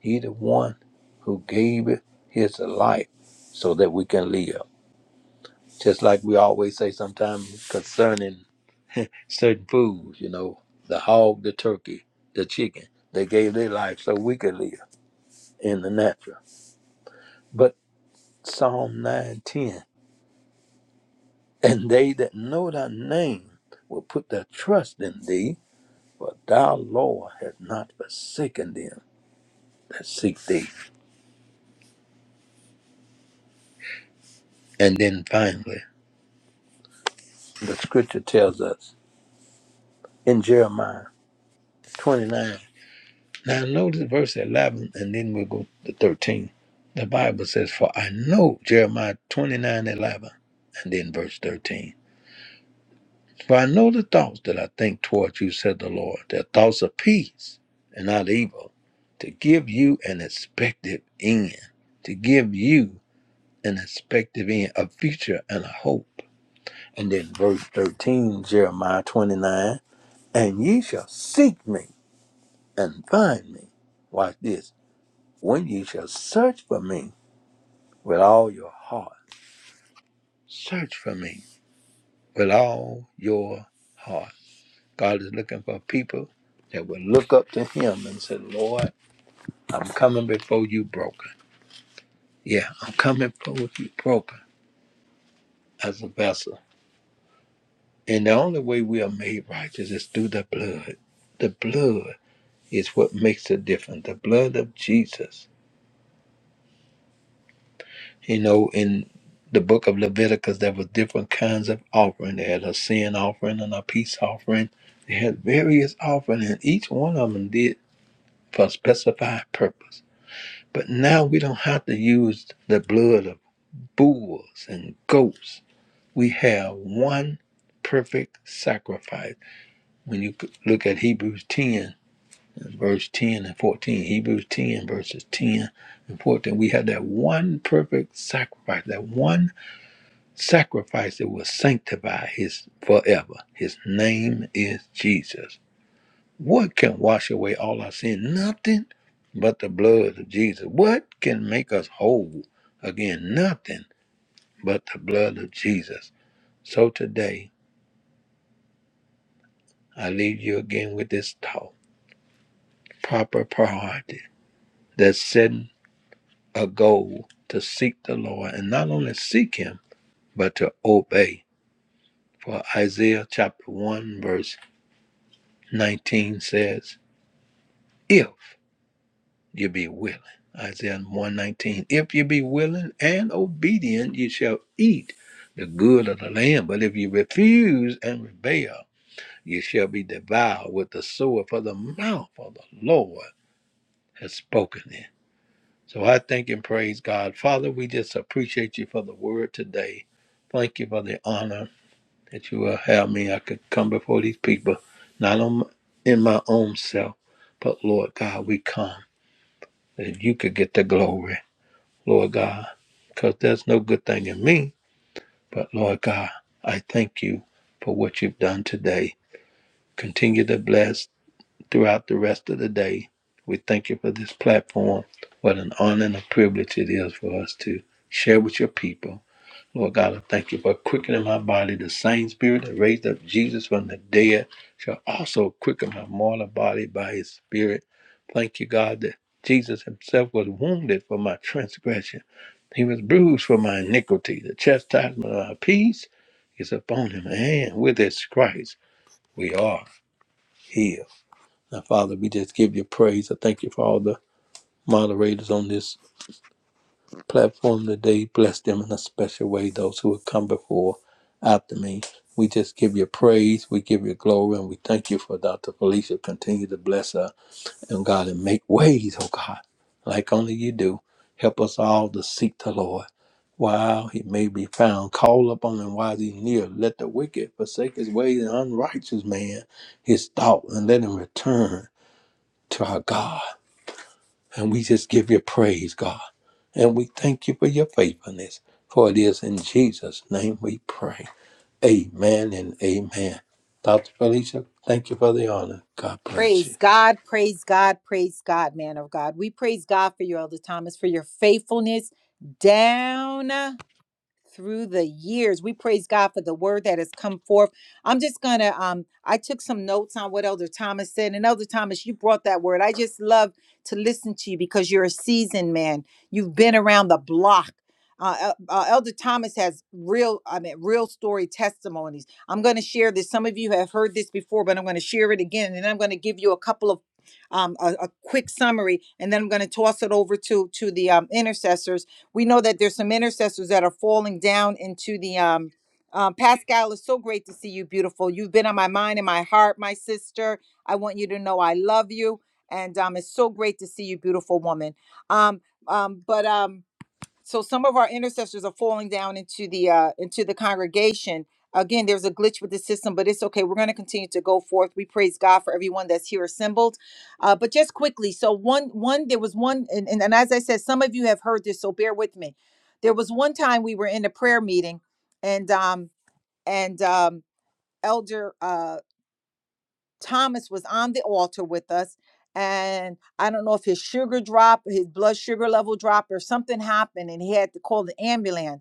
Speaker 3: He's the one who gave his life so that we can live. Just like we always say sometimes concerning certain foods, you know, the hog, the turkey, the chicken, they gave their life so we could live in the natural. But Psalm 9:10. And they that know thy name will put their trust in thee, for thou, Lord, hast not forsaken them that seek thee. And then finally, the scripture tells us in Jeremiah 29. Now notice verse 11, and then we'll go to 13. The Bible says, For I know, Jeremiah 29 11, and then verse 13. For I know the thoughts that I think towards you, said the Lord. They're thoughts of peace and not evil, to give you an expected end, to give you an expected end, a future and a hope. And then verse 13, Jeremiah 29, and ye shall seek me and find me. Watch this. When ye shall search for me with all your heart, search for me with all your heart God is looking for people that will look up to Him and say, Lord, I'm coming before you broken. Yeah, I'm coming before you broken as a vessel. And the only way we are made righteous is through the blood. The blood is what makes the difference. The blood of Jesus. You know, in the book of Leviticus, there were different kinds of offering. They had a sin offering and a peace offering. They had various offerings, and each one of them did for a specified purpose But now we don't have to use the blood of bulls and goats. We have one perfect sacrifice. When you look at Hebrews 10, verse 10 and 14, Hebrews 10, verses 10 and 14, we have that one perfect sacrifice, that one sacrifice that will sanctify his forever. His name is Jesus. What can wash away all our sin? Nothing but the blood of Jesus. What can make us whole? Again, nothing but the blood of Jesus. So today, I leave you again with this thought proper priority that's setting a goal to seek the Lord and not only seek Him, but to obey. For Isaiah chapter 1, verse 19 says, If you be willing. Isaiah 119. If you be willing and obedient, you shall eat the good of the land. But if you refuse and rebel, you shall be devoured with the sword, for the mouth of the Lord has spoken it. So I thank and praise God. Father, we just appreciate you for the word today. Thank you for the honor that you will have me. I could come before these people, not on, in my own self, but Lord God, we come that you could get the glory. Lord God, because there's no good thing in me. But Lord God, I thank you for what you've done today. Continue to bless throughout the rest of the day. We thank you for this platform. What an honor and a privilege it is for us to share with your people. Lord God, I thank you for quickening my body. The same spirit that raised up Jesus from the dead shall also quicken my mortal body by his spirit. Thank you, God, that Jesus himself was wounded for my transgression. He was bruised for my iniquity. The chastisement of our peace is upon him. And with his stripes, we are healed. Now, Father, we just give you praise. I thank you for all the moderators on this platform today. Bless them in a special way, those who have come before, after me. We just give you praise, we give you glory, and we thank you for Dr. Felicia. Continue to bless her and God and make ways, oh God, like only you do. Help us all to seek the Lord. While he may be found, call upon him while he's near. Let the wicked forsake his ways and unrighteous man his thought, and let him return to our God. And we just give you praise, God. And we thank you for your faithfulness. For it is in Jesus' name we pray. Amen and amen. Dr. Felicia, thank you for the honor. God bless
Speaker 1: Praise
Speaker 3: you.
Speaker 1: God, praise God, praise God, man of God. We praise God for you, Elder Thomas, for your faithfulness down. through the years. We praise God for the word that has come forth. I'm just gonna um I took some notes on what Elder Thomas said. And Elder Thomas, you brought that word. I just love to listen to you because you're a seasoned man. You've been around the block. Uh, El- uh, Elder Thomas has real, I mean, real story testimonies. I'm going to share this. Some of you have heard this before, but I'm going to share it again, and I'm going to give you a couple of, um, a, a quick summary, and then I'm going to toss it over to to the um, intercessors we know that there's some intercessors that are falling down into the um, um Pascal, it's so great to see you, beautiful. You've been on my mind and my heart, my sister. I want you to know I love you, and um, it's so great to see you, beautiful woman. Um, um, but um, so some of our intercessors are falling down into the uh into the congregation again there's a glitch with the system but it's okay we're going to continue to go forth we praise god for everyone that's here assembled uh but just quickly so one one there was one and, and, and as i said some of you have heard this so bear with me there was one time we were in a prayer meeting and um and um elder uh thomas was on the altar with us and I don't know if his sugar dropped, his blood sugar level dropped, or something happened, and he had to call the ambulance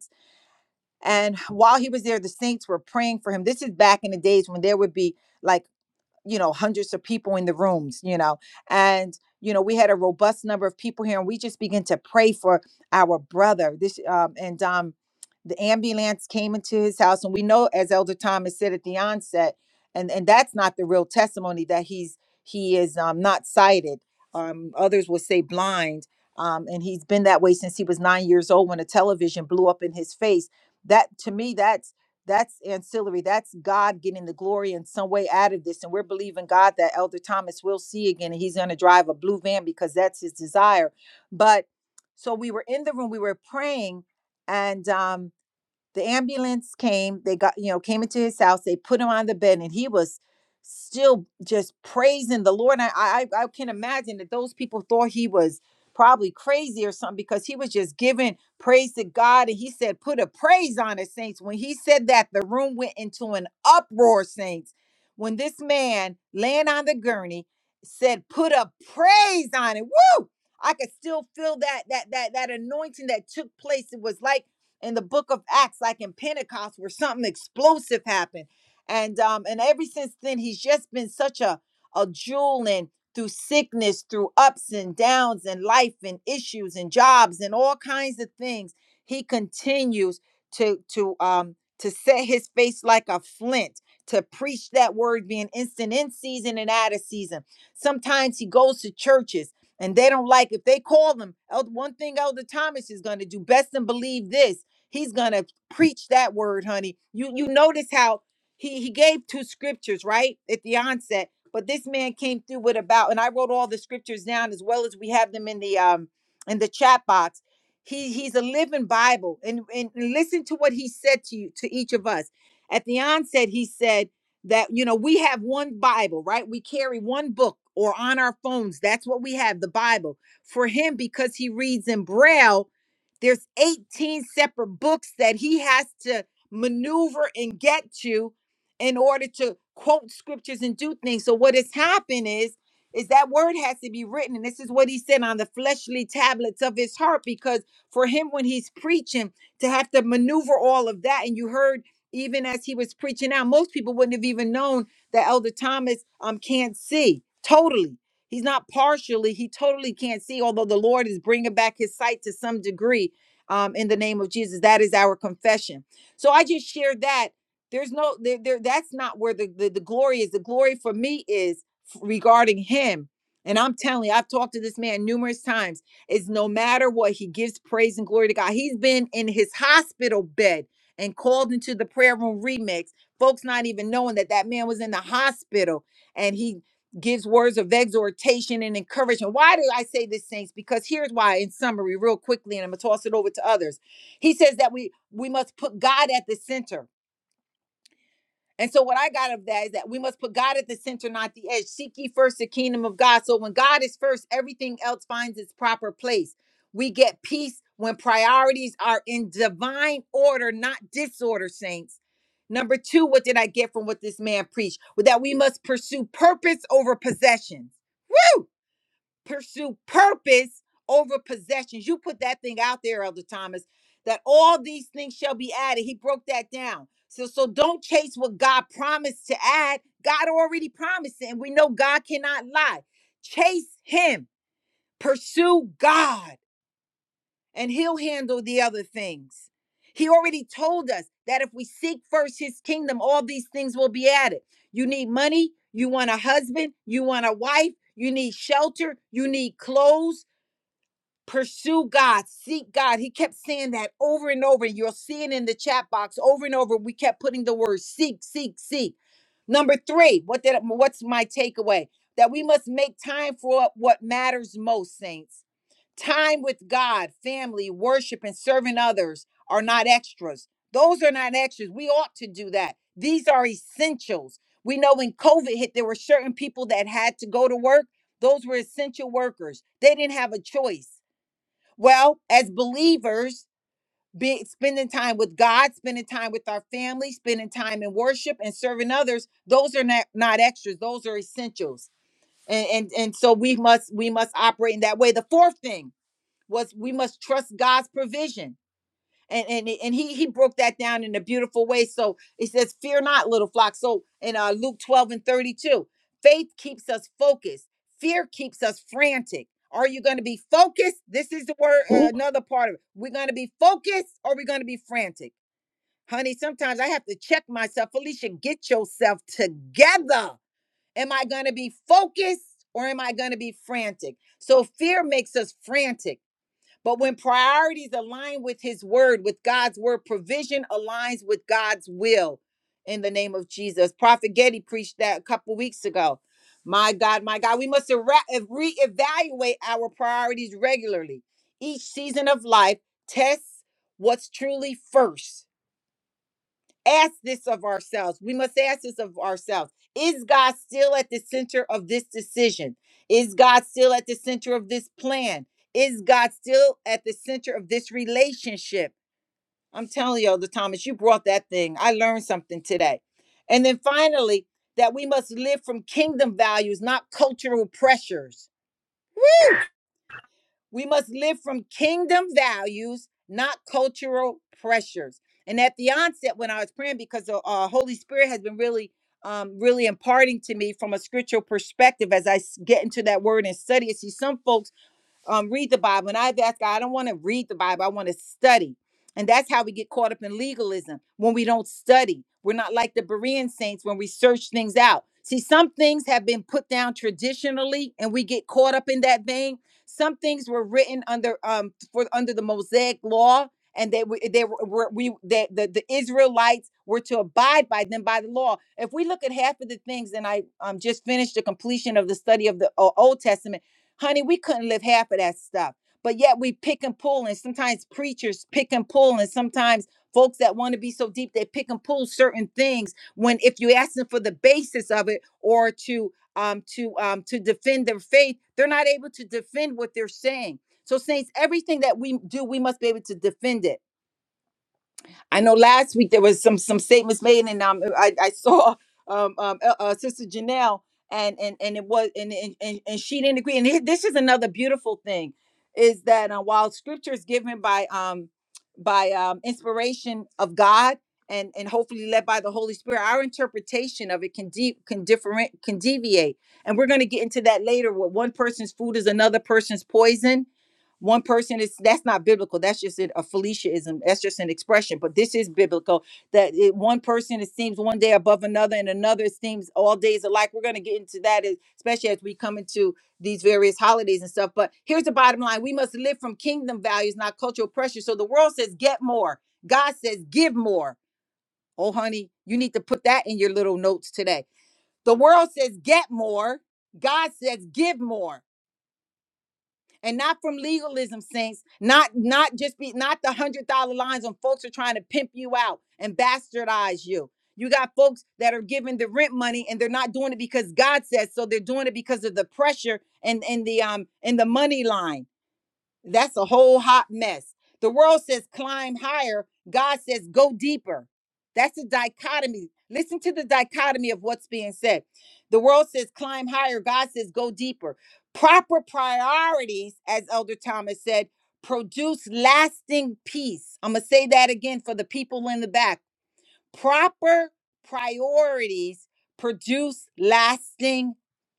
Speaker 1: and while he was there, the saints were praying for him. This is back in the days when there would be like you know hundreds of people in the rooms you know and you know we had a robust number of people here and we just began to pray for our brother this um and um the ambulance came into his house and we know as elder thomas said at the onset and and that's not the real testimony that he's he is um not sighted um others will say blind um and he's been that way since he was nine years old when a television blew up in his face that to me that's that's ancillary. That's God getting the glory in some way out of this. And we're believing God that Elder Thomas will see again and he's going to drive a blue van because that's his desire. But so we were in the room, we were praying, and um the ambulance came they got you know came into his house they put him on the bed and he was still just praising the lord i i, I can imagine that those people thought he was probably crazy or something because he was just giving praise to god and he said put a praise on it saints when he said that the room went into an uproar saints when this man laying on the gurney said put a praise on it woo I could still feel that that that that anointing that took place. It was like in the book of Acts, like in Pentecost, where something explosive happened. And um, and ever since then, he's just been such a a jewel and through sickness, through ups and downs and life and issues and jobs and all kinds of things. He continues to to um to set his face like a flint to preach that word being instant in season and out of season. Sometimes he goes to churches and they don't like if they call them. One thing Elder Thomas is going to do, best and believe this. He's gonna preach that word, honey. You you notice how he he gave two scriptures right at the onset, but this man came through with about, and I wrote all the scriptures down as well as we have them in the um in the chat box. He he's a living Bible, and and listen to what he said to you to each of us at the onset. He said that you know we have one Bible, right? We carry one book or on our phones. That's what we have, the Bible for him because he reads in braille there's 18 separate books that he has to maneuver and get to in order to quote scriptures and do things. So what has happened is is that word has to be written and this is what he said on the fleshly tablets of his heart because for him when he's preaching to have to maneuver all of that and you heard even as he was preaching out most people wouldn't have even known that elder thomas um can't see totally he's not partially he totally can't see although the lord is bringing back his sight to some degree um, in the name of Jesus. That is our confession. So I just shared that. There's no there, there that's not where the, the the glory is. The glory for me is regarding him. And I'm telling you, I've talked to this man numerous times. It's no matter what, he gives praise and glory to God. He's been in his hospital bed and called into the prayer room remix. Folks not even knowing that that man was in the hospital and he gives words of exhortation and encouragement. Why do I say this, saints? Because here's why, in summary, real quickly, and I'm gonna toss it over to others. He says that we we must put God at the center. And so what I got of that is that we must put God at the center, not the edge. Seek ye first the kingdom of God. So when God is first, everything else finds its proper place. We get peace when priorities are in divine order, not disorder, saints. Number two, what did I get from what this man preached? That we must pursue purpose over possessions pursue purpose over possessions. You put that thing out there, Elder Thomas, that all these things shall be added. He broke that down. So, so don't chase what God promised to add. God already promised it, and we know God cannot lie. Chase Him, pursue God, and He'll handle the other things. He already told us that if we seek first His kingdom, all these things will be added. You need money. You want a husband. You want a wife. You need shelter. You need clothes Pursue God, seek God. He kept saying that over and over. You'll see it in the chat box over and over. We kept putting the word seek, seek, seek. Number three, what did what's my takeaway? That we must make time for what matters most, saints. Time with God, family, worship, and serving others are not extras. Those are not extras. We ought to do that. These are essentials. We know when COVID hit, there were certain people that had to go to work. Those were essential workers. They didn't have a choice well, as believers, be, spending time with God, spending time with our family, spending time in worship and serving others, those are not, not extras, those are essentials. And, and and so we must we must operate in that way. The fourth thing was we must trust God's provision and and and he he broke that down in a beautiful way. So it says, "Fear not, little flock." So in uh, Luke twelve and thirty two, faith keeps us focused. Fear keeps us frantic. Are you going to be focused? This is the word. Uh,
Speaker 4: Will
Speaker 1: another part of it. We're going to be focused, or we're going to be frantic, honey. Sometimes I have to check myself. Felicia, get yourself together. Am I going to be focused, or am I going to be frantic? So fear makes us frantic but when priorities align with his word, with God's word, provision aligns with God's will in the name of Jesus. Prophet Getty preached that a couple weeks ago. My God, my God, we must era- reevaluate our priorities regularly. Each season of life tests what's truly first ask this of ourselves. We must ask this of ourselves. Is God still at the center of this decision? Is God still at the center of this plan? Is God still at the center of this relationship? I'm telling you, Elder Thomas, you brought that thing. I learned something today. And then finally, that we must live from kingdom values, not cultural pressures we must live from kingdom values, not cultural pressures. And at the onset, when I was praying, because the uh, Holy Spirit has been really, um, really imparting to me from a scriptural perspective as I s- get into that word and study it. See, some folks um, read the Bible. And I've asked God, I don't want to read the Bible. I want to study. And that's how we get caught up in legalism when we don't study. We're not like the Berean saints when we search things out. See, some things have been put down traditionally, and we get caught up in that vein. Some things were written under um for under the Mosaic law, and they were they were were- we that the, the Israelites were to abide by them by the law. If we look at half of the things, and I um just finished the completion of the study of the uh, Old Testament Honey, we couldn't live half of that stuff. But yet we pick and pull, and sometimes preachers pick and pull, and sometimes folks that want to be so deep, they pick and pull certain things when if you ask them for the basis of it or to um to um to defend their faith, they're not able to defend what they're saying. So saints, everything that we do, we must be able to defend it. I know last week there was some some statements made, and um, uh, I, I saw um, um uh, uh, Sister Janelle, and and and it was and and and, and she didn't agree. And it- this is another beautiful thing, is that uh, while Scripture is given by um by um inspiration of God. And, and hopefully led by the Holy Spirit, our interpretation of it can de- can different can deviate, and we're going to get into that later. Where one person's food is another person's poison, one person is that's not biblical that's just an, a feliciaism that's just an expression but this is biblical that it, one person esteems one day above another and another esteems all days alike we're going to get into that as- especially as we come into these various holidays and stuff but here's the bottom line we must live from kingdom values not cultural pressure so the world says get more god says give more oh honey you need to put that in your little notes today the world says get more god says give more and not from legalism saints not not just be not the hundred dollar lines on folks who are trying to pimp you out and bastardize you you got folks that are giving the rent money and they're not doing it because god says so they're doing it because of the pressure and and the um and the money line that's a whole hot mess. The world says climb higher, God says go deeper. That's a dichotomy. Listen to the dichotomy of what's being said. The world says climb higher, God says go deeper. Proper priorities, as Elder Thomas said, produce lasting peace. I'm going to say that again for the people in the back Proper priorities produce lasting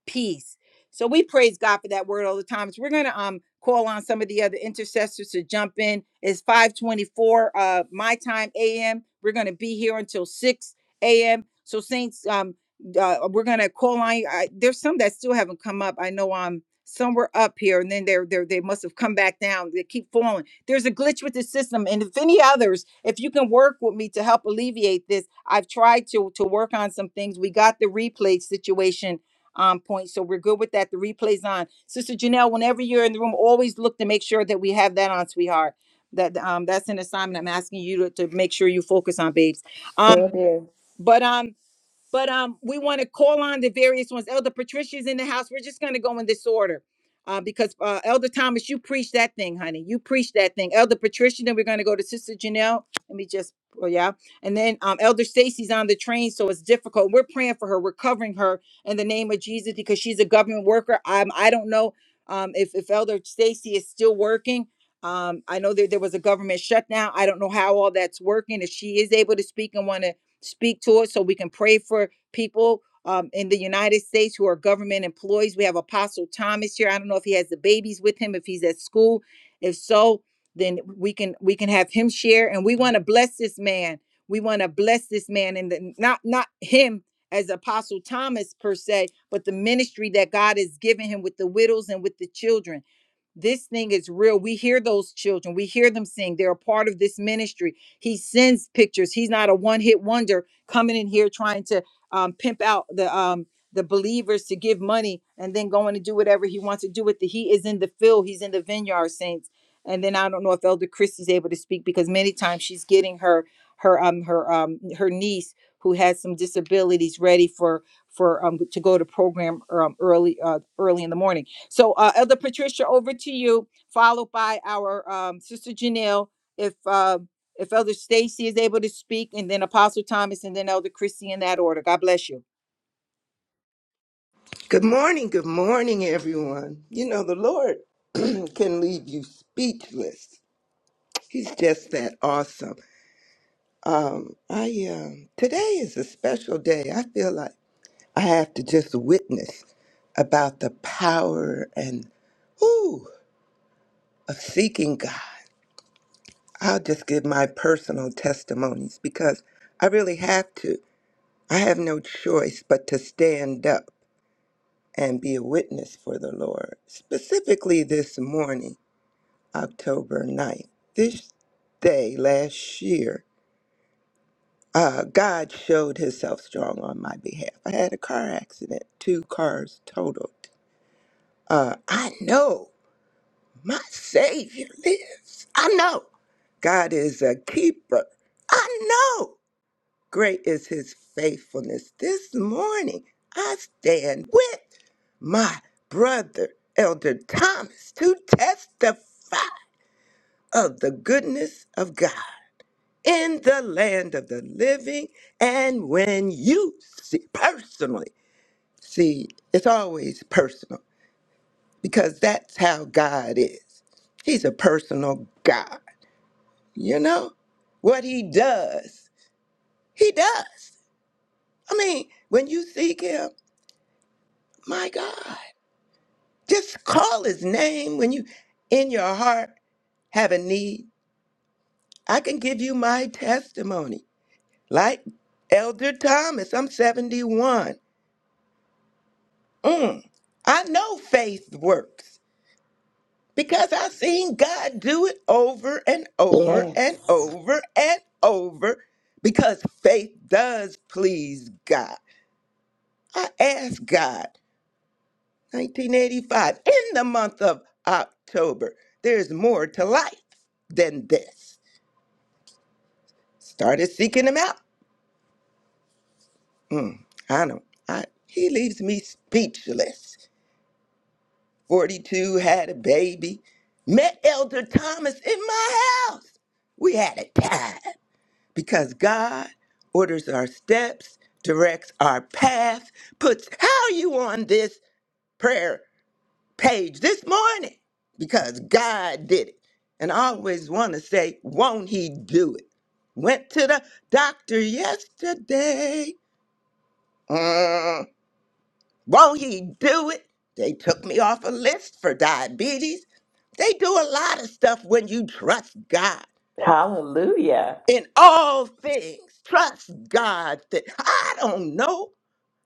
Speaker 1: peace. So we praise God for that word all the time. So we're gonna um call on some of the other intercessors to jump in. It's 524 uh my time AM. We're gonna be here until 6 AM. So Saints, um uh, we're gonna call on you. I, there's some that still haven't come up. I know um some were up here and then they're, they're they must have come back down. They keep falling. There's a glitch with the system. And if any others, if you can work with me to help alleviate this, I've tried to to work on some things. We got the replay situation on point. So we're good with that. The replay's on. Sister Janelle, whenever you're in the room, always look to make sure that we have that on, sweetheart. That um that's an assignment I'm asking you to, to make sure you focus on, babes. Um,
Speaker 4: do.
Speaker 1: but um but um, we want to call on the various ones. Elder Patricia's in the house. We're just going to go in this order. Uh, because uh, Elder Thomas, you preach that thing, honey. You preach that thing. Elder Patricia, then we're going to go to Sister Janelle. Let me just, oh, yeah. And then um, Elder Stacy's on the train, so it's difficult. We're praying for her. We're covering her in the name of Jesus because she's a government worker. I'm, I don't know um, if, if Elder Stacy is still working. Um, I know that there was a government shutdown. I don't know how all that's working. If she is able to speak and want to speak to it so we can pray for people um, in the United States who are government employees. We have Apostle Thomas here. I don't know if he has the babies with him, if he's at school. If so, then we can we can have him share. And we want to bless this man. We want to bless this man and the, not not him as Apostle Thomas per se, but the ministry that God has given him with the widows and with the children. This thing is real. We hear those children. We hear them sing. They're a part of this ministry. He sends pictures. He's not a one-hit wonder coming in here trying to um, pimp out the um, the believers to give money and then going to do whatever he wants to do with it. He is in the field. He's in the vineyard, saints. And then I don't know if Elder Christie's able to speak because many times she's getting her her um her um her niece who has some disabilities ready for for um to go to program um, early uh, early in the morning so, uh, Elder Patricia, over to you, followed by our um, Sister Janelle. If uh, if Elder Stacy is able to speak, and then Apostle Thomas, and then Elder Christie in that order. God bless you.
Speaker 5: Good morning, good morning, everyone. You know, the Lord *clears throat* can leave you speechless. He's just that awesome. Um, I um, today is a special day. I feel like I have to just witness about the power and ooh of seeking God. I'll just give my personal testimonies because I really have to. I have no choice but to stand up and be a witness for the Lord. Specifically this morning. October ninth. This day last year, uh, God showed himself strong on my behalf. I had a car accident, two cars totaled. Uh, I know my Savior lives. I know God is a keeper. I know great is his faithfulness. This morning, I stand with my brother, Elder Thomas, to testify of the goodness of God. in the land of the living. And when you see personally, see, it's always personal because that's how God is. He's a personal God. You know what he does? He does. I mean, when you seek him, my God, just call his name when you in your heart have a need. I can give you my testimony. Like Elder Thomas, I'm 71. Mm. I know faith works because I've seen God do it over and over and
Speaker 4: Yes.
Speaker 5: over and over because faith does please God. I asked God, 1985, in the month of October, there's more to life than this. Started seeking Him out. Mm, I know. I, he leaves me speechless. 42, had a baby. Met Elder Thomas in my house. We had a time because God orders our steps, directs our path, puts how you on this prayer page this morning because God did it. And I always want to say, won't he do it? Went to the doctor yesterday. Mm. Won't he do it? They took me off a list for diabetes. They do a lot of stuff when you trust God.
Speaker 4: Hallelujah.
Speaker 5: In all things, trust God. That I don't know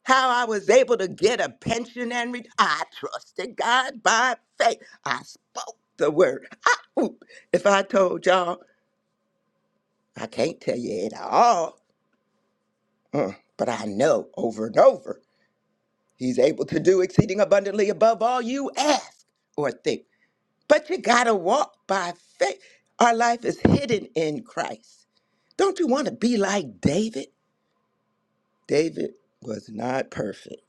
Speaker 5: how I was able to get a pension and re- I trusted God by faith. I spoke the word. I, ooh, if I told y'all, I can't tell you it all, mm, but I know over and over, He's able to do exceeding abundantly above all you ask or think. But you got to walk by faith. Our life is hidden in Christ. Don't you want to be like David? David was not perfect.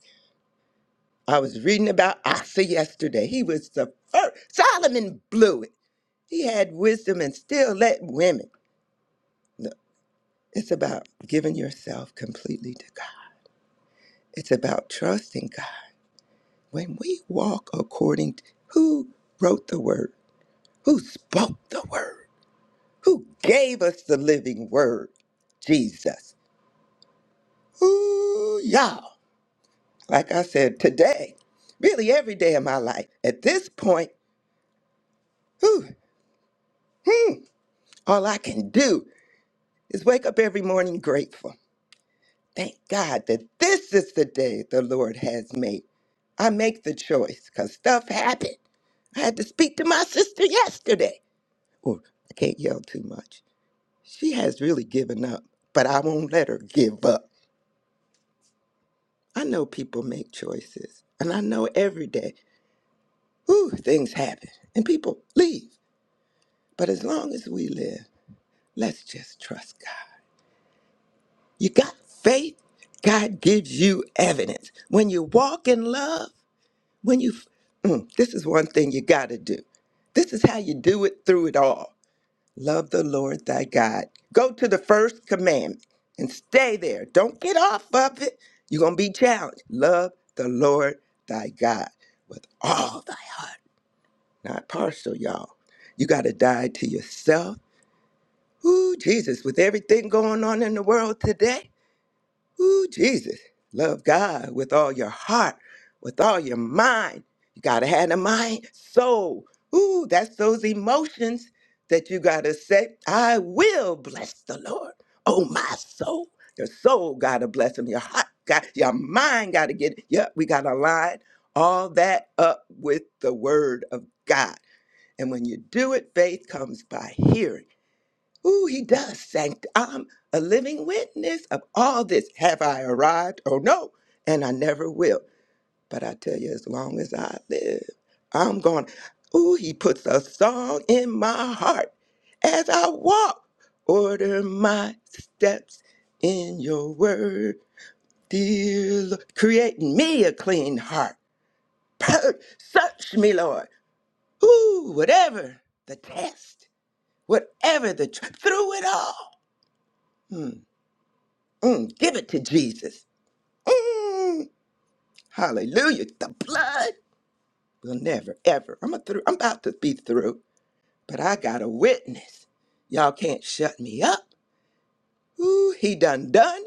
Speaker 5: I was reading about Asa yesterday. He was the first. Solomon blew it. He had wisdom and still let women. No, it's about giving yourself completely to God. It's about trusting God. When we walk according to who wrote the word, who spoke the word, who gave us the living word, Jesus. Ooh, y'all, like I said, today, really every day of my life, at this point, whew, all I can do is wake up every morning grateful. Thank God that this is the day the Lord has made. I make the choice because stuff happened. I had to speak to my sister yesterday. Or I can't yell too much. She has really given up, but I won't let her give up. I know people make choices, and I know every day, ooh, things happen, and people leave. But as long as we live, let's just trust God. You got faith, God gives you evidence. When you walk in love, when you, Mm, this is one thing you got to do. This is how you do it through it all. Love the Lord thy God. Go to the first commandment and stay there. Don't get off of it. You're going to be challenged. Love the Lord thy God with all thy heart. Not partial, y'all. You got to die to yourself Ooh, Jesus, with everything going on in the world today, ooh, Jesus, love God with all your heart, with all your mind. You got to have the mind, soul. Ooh, that's those emotions that you got to say, I will bless the Lord. Oh, my soul. Your soul got to bless him. Your heart got, your mind got to get, it. yeah, we got to line all that up with the word of God. And when you do it, faith comes by hearing Ooh, he does sanct. I'm a living witness of all this. Have I arrived? Oh no, and I never will. But I tell you, as long as I live, I'm going. Ooh, he puts a song in my heart as I walk. Order my steps in your word, dear Lord. Create in me a clean heart. Purge, search me, Lord. Ooh, whatever the test, whatever the tr- through it all. Hmm. Mm, give it to Jesus. Mm, hallelujah. The blood will never, ever. I'm, a through, I'm about to be through, but I got a witness. Y'all can't shut me up. Ooh, he done done.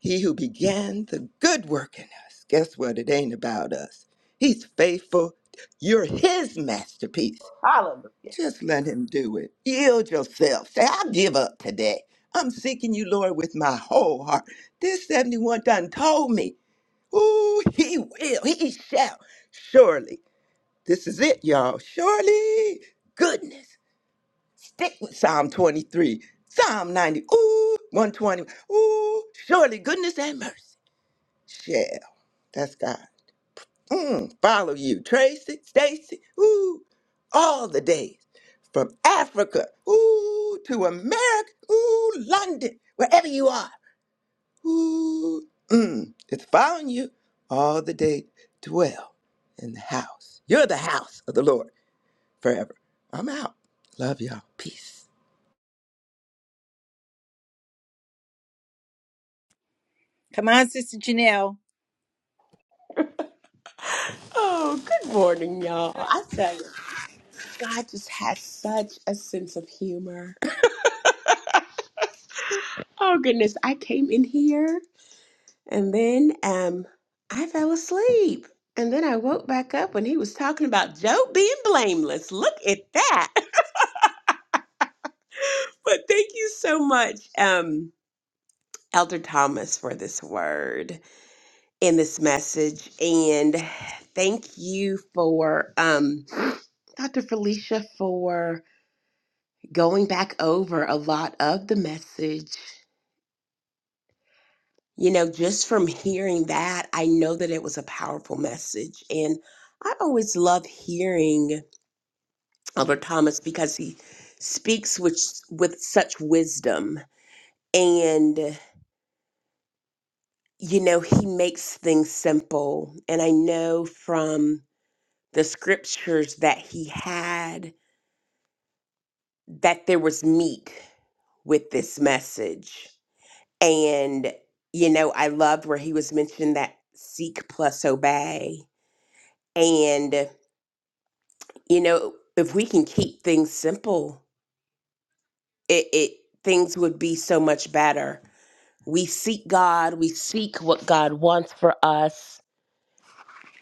Speaker 5: He who began the good work in us. Guess what? It ain't about us. He's faithful. You're his masterpiece.
Speaker 4: Hallelujah.
Speaker 5: Just let him do it. Yield yourself. Say, I give up today. I'm seeking you, Lord, with my whole heart. This 71 done told me. Ooh, he will. He shall. Surely. This is it, y'all. Surely. Goodness. Stick with Psalm 23, Psalm 90, ooh, 120. Ooh, surely goodness and mercy shall. That's God. Mm, follow you, Tracy, Stacy, ooh, all the days. From Africa, ooh, to America, ooh, London, wherever you are. Ooh, mm, it's following you all the day. Dwell in the house. You're the house of the Lord forever. I'm out. Love y'all. Peace.
Speaker 1: Come on, Sister Janelle.
Speaker 4: Oh, good morning, y'all. I tell you, God just has such a sense of humor. Oh goodness, I came in here and then um I fell asleep. And then I woke back up when he was talking about Job being blameless. Look at that. *laughs* But thank you so much, um, Elder Thomas, for this word. in this message. And thank you for um, Dr. Felicia for going back over a lot of the message. You know, just from hearing that, I know that it was a powerful message. And I always love hearing Albert Thomas because he speaks with, with such wisdom. And, you know, he makes things simple. And I know from the scriptures that he had that there was meat with this message. And, you know, I loved where he was mentioning that seek plus obey. And, you know, if we can keep things simple, it, it things would be so much better. We seek God, we seek what God wants for us,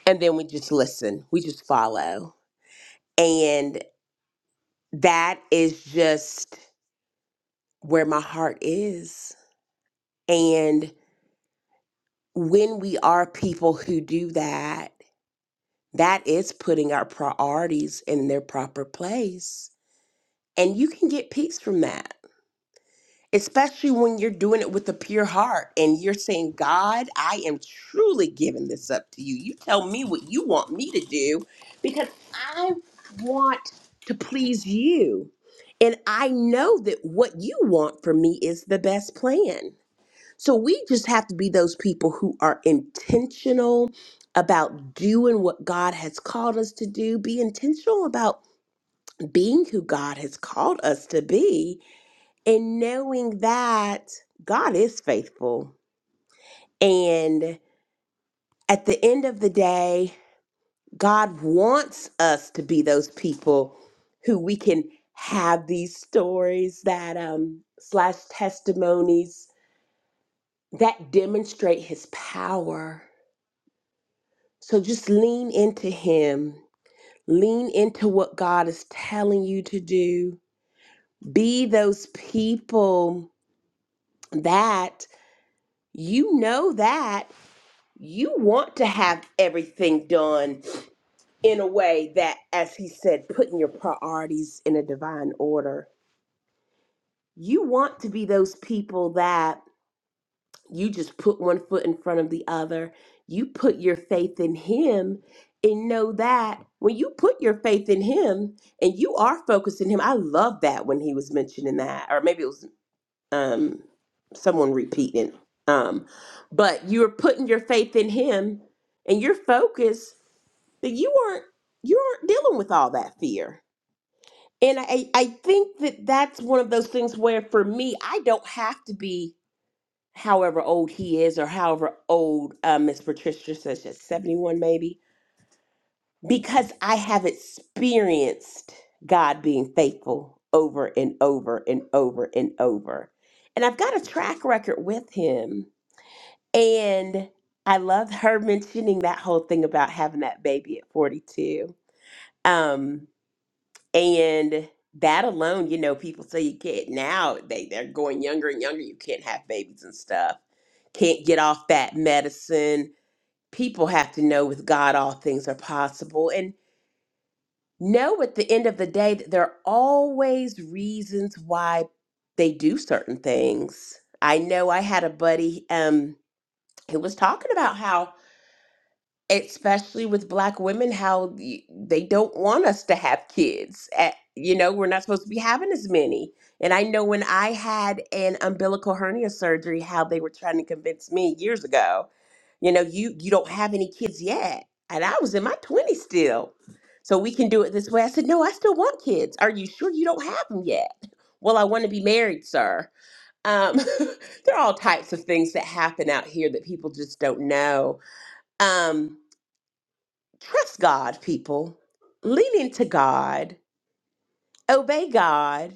Speaker 4: and then we just listen. We just follow. And that is just where my heart is. and. when we are people who do that, that is putting our priorities in their proper place. And you can get peace from that, especially when you're doing it with a pure heart and you're saying, God, I am truly giving this up to you. You tell me what you want me to do because I want to please you. And I know that what you want for me is the best plan. So we just have to be those people who are intentional about doing what God has called us to do, be intentional about being who God has called us to be, and knowing that God is faithful. And at the end of the day, God wants us to be those people who we can have these stories that um slash testimonies that demonstrate his power So just lean into Him, lean into what God is telling you to do. Be those people that you know that you want to have everything done in a way that, as He said, putting your priorities in a divine order. You want to be those people that You just put one foot in front of the other. You put your faith in Him and know that when you put your faith in Him and you are focused in Him, I love that when he was mentioning that, or maybe it was um, someone repeating. Um, but you're putting your faith in Him and your focus that you aren't you aren't dealing with all that fear. And I I think that that's one of those things where for me I don't have to be however old he is or however old uh, Miss Patricia says she's 71 maybe because I have experienced God being faithful over and over and over and over. And I've got a track record with him. And I love her *laughs* mentioning that whole thing about having that baby at 42. Um, and that alone, you know, people say you can't now they, they're going younger and younger, you can't have babies and stuff. Can't get off that medicine. People have to know with God all things are possible and know at the end of the day that there are always reasons why they do certain things. I know I had a buddy um who was talking about how especially with black women how the, they don't want us to have kids at, you know we're not supposed to be having as many and i know when i had an umbilical hernia surgery how they were trying to convince me years ago you know you you don't have any kids yet and i was in my 20s still so we can do it this way i said no i still want kids are you sure you don't have them yet well i want to be married sir um, *laughs* there are all types of things that happen out here that people just don't know um Trust God, people. Lean into God. Obey God.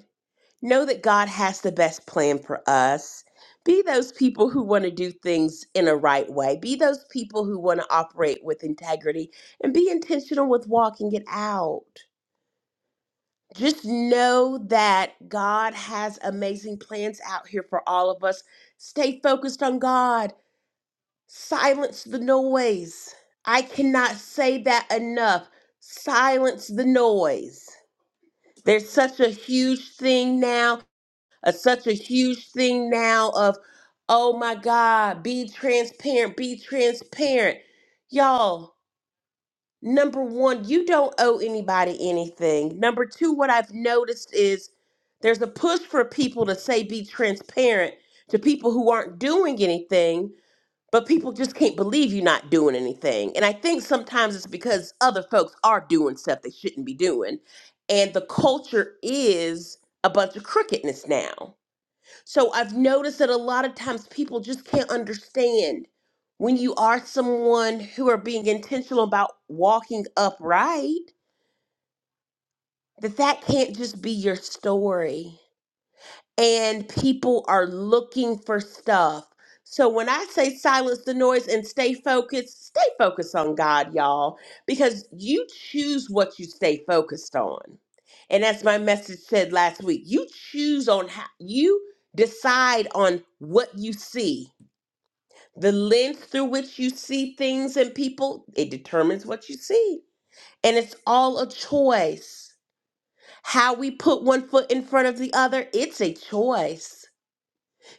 Speaker 4: Know that God has the best plan for us. Be those people who want to do things in a right way. Be those people who want to operate with integrity and be intentional with walking it out. Just know that God has amazing plans out here for all of us. Stay focused on God Silence the noise. I cannot say that enough. Silence the noise. There's such a huge thing now, uh, such a huge thing now of, oh my God, be transparent, be transparent. Y'all, number one, you don't owe anybody anything. Number two, what I've noticed is there's a push for people to say be transparent to people who aren't doing anything but people just can't believe you're not doing anything. And I think sometimes it's because other folks are doing stuff they shouldn't be doing. And the culture is a bunch of crookedness now. So I've noticed that a lot of times people just can't understand when you are someone who are being intentional about walking upright, that that can't just be your story and people are looking for stuff. So when I say silence the noise and stay focused, stay focused on God, y'all, because you choose what you stay focused on. And as my message said last week, you choose on how you decide on what you see. The lens through which you see things and people, it determines what you see. And it's all a choice. How we put one foot in front of the other, it's a choice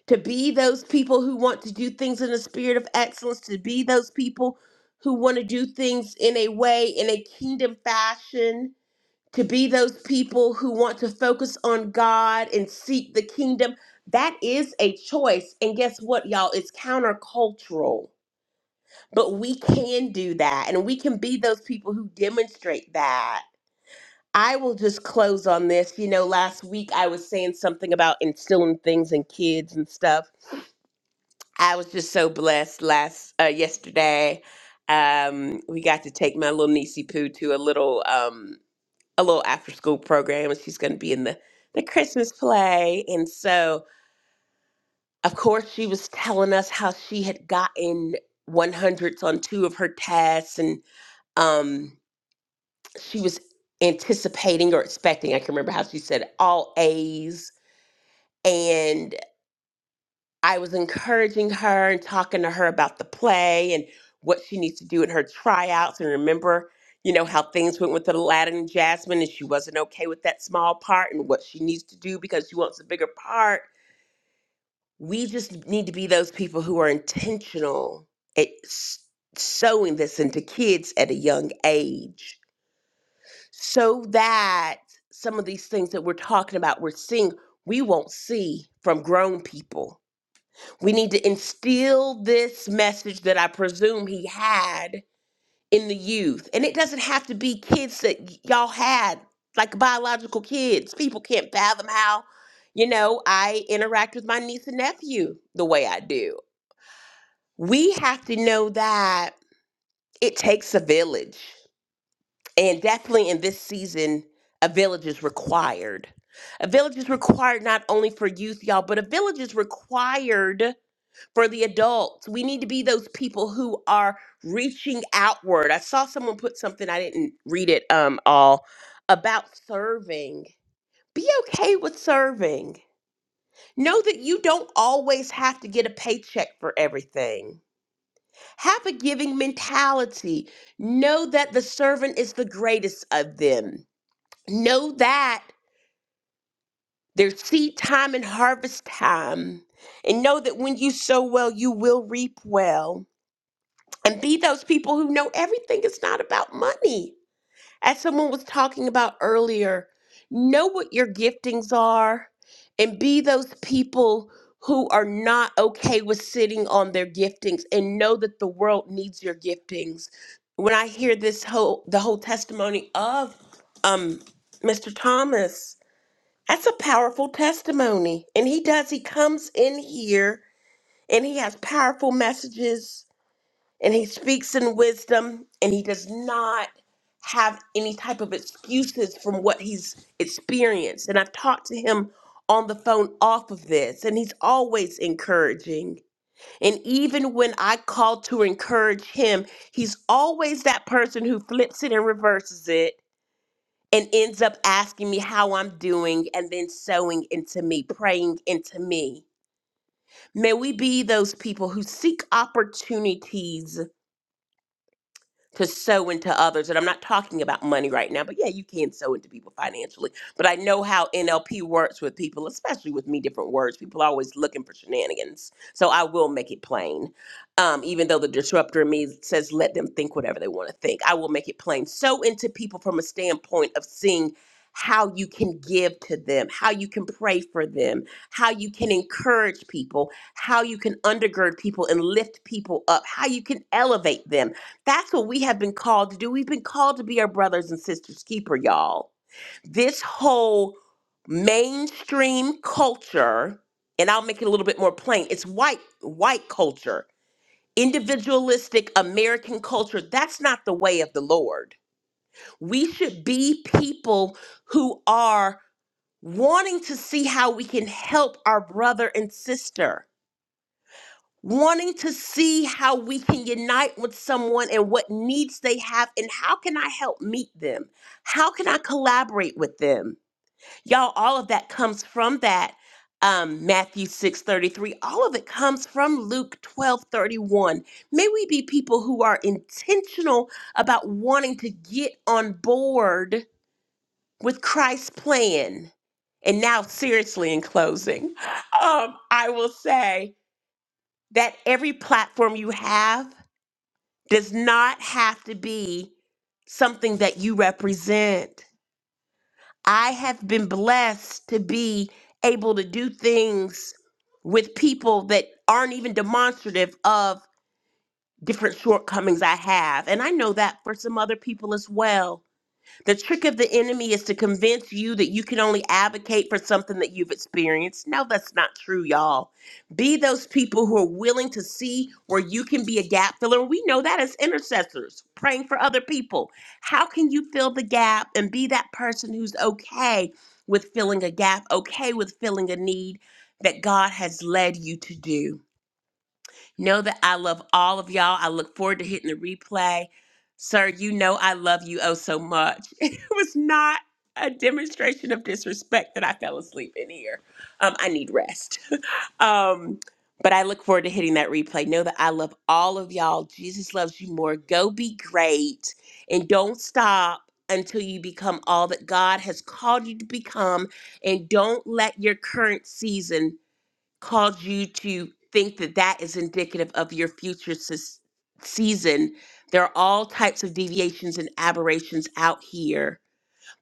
Speaker 4: to be those people who want to do things in a spirit of excellence, to be those people who want to do things in a way, in a kingdom fashion, to be those people who want to focus on God and seek the kingdom. That is a choice. And guess what, y'all? It's countercultural. But we can do that and we can be those people who demonstrate that. I will just close on this. You know, last week I was saying something about instilling things in kids and stuff I was just so blessed last uh, yesterday. Um, we got to take my little niecey poo to a little um, a little after school program, and she's going to be in the the Christmas play. And so, of course, she was telling us how she had gotten one hundreds on two of her tests, and um, she was anticipating or expecting. I can remember how she said all A's and I was encouraging her and talking to her about the play and what she needs to do in her tryouts. And remember, you know, how things went with Aladdin and Jasmine, and she wasn't okay with that small part and what she needs to do because she wants a bigger part. We just need to be those people who are intentional at s- sowing this into kids at a young age so that some of these things that we're talking about, we're seeing, we won't see from grown people we need to instill this message that I presume he had in the youth. And it doesn't have to be kids that y- y'all had, like biological kids. People can't fathom how, you know, I interact with my niece and nephew the way I do. We have to know that it takes a village. And definitely in this season, a village is required. A village is required not only for youth, y'all, but a village is required for the adults. We need to be those people who are reaching outward. I saw someone put something I didn't read it um all about serving. Be okay with serving. Know that you don't always have to get a paycheck for everything. Have a giving mentality. Know that the servant is the greatest of them. Know that there's seed time and harvest time. And know that when you sow well, you will reap well and be those people who know everything is not about money. As someone was talking about earlier, know what your giftings are and be those people who are not okay with sitting on their giftings and know that the world needs your giftings. When I hear this whole the whole testimony of um Mr. Thomas, that's a powerful testimony. And he does he comes in here and he has powerful messages and he speaks in wisdom and he does not have any type of excuses from what he's experienced and i've talked to him on the phone off of this and he's always encouraging and even when i call to encourage him he's always that person who flips it and reverses it and ends up asking me how i'm doing and then sowing into me praying into me may we be those people who seek opportunities to sow into others. And I'm not talking about money right now, but yeah, you can sow into people financially. But I know how NLP works with people, especially with me, different words. People are always looking for shenanigans. So I will make it plain. Um, even though the disruptor in me says, let them think whatever they want to think, I will make it plain. Sow into people from a standpoint of seeing how you can give to them, how you can pray for them, how you can encourage people, how you can undergird people and lift people up, how you can elevate them that's what we have been called to do. We've been called to be our brothers and sisters' keeper, y'all. This whole mainstream culture, and I'll make it a little bit more plain, it's white, white culture, individualistic American culture. That's not the way of the Lord. We should be people who are wanting to see how we can help our brother and sister wanting to see how we can unite with someone and what needs they have and how can I help meet them? How can I collaborate with them? Y'all, all of that comes from that um, Matthew 6:33. All of it comes from Luke 12:31. May we be people who are intentional about wanting to get on board with Christ's plan. And now, seriously, in closing, um, I will say that every platform you have does not have to be something that you represent. I have been blessed to be able to do things with people that aren't even demonstrative of different shortcomings I have. And I know that for some other people as well. The trick of the enemy is to convince you that you can only advocate for something that you've experienced. No, that's not true, y'all. Be those people who are willing to see where you can be a gap filler. We know that as intercessors, praying for other people. How can you fill the gap and be that person who's okay with filling a gap, okay with filling a need that God has led you to do? Know that I love all of y'all. I look forward to hitting the replay. Sir, you know I love you oh so much. *laughs* It was not a demonstration of disrespect that I fell asleep in here. Um, I need rest. *laughs* um, but I look forward to hitting that replay. Know that I love all of y'all. Jesus loves you more. Go be great and don't stop until you become all that God has called you to become. And don't let your current season called you to think that that is indicative of your future sis- season. There are all types of deviations and aberrations out here,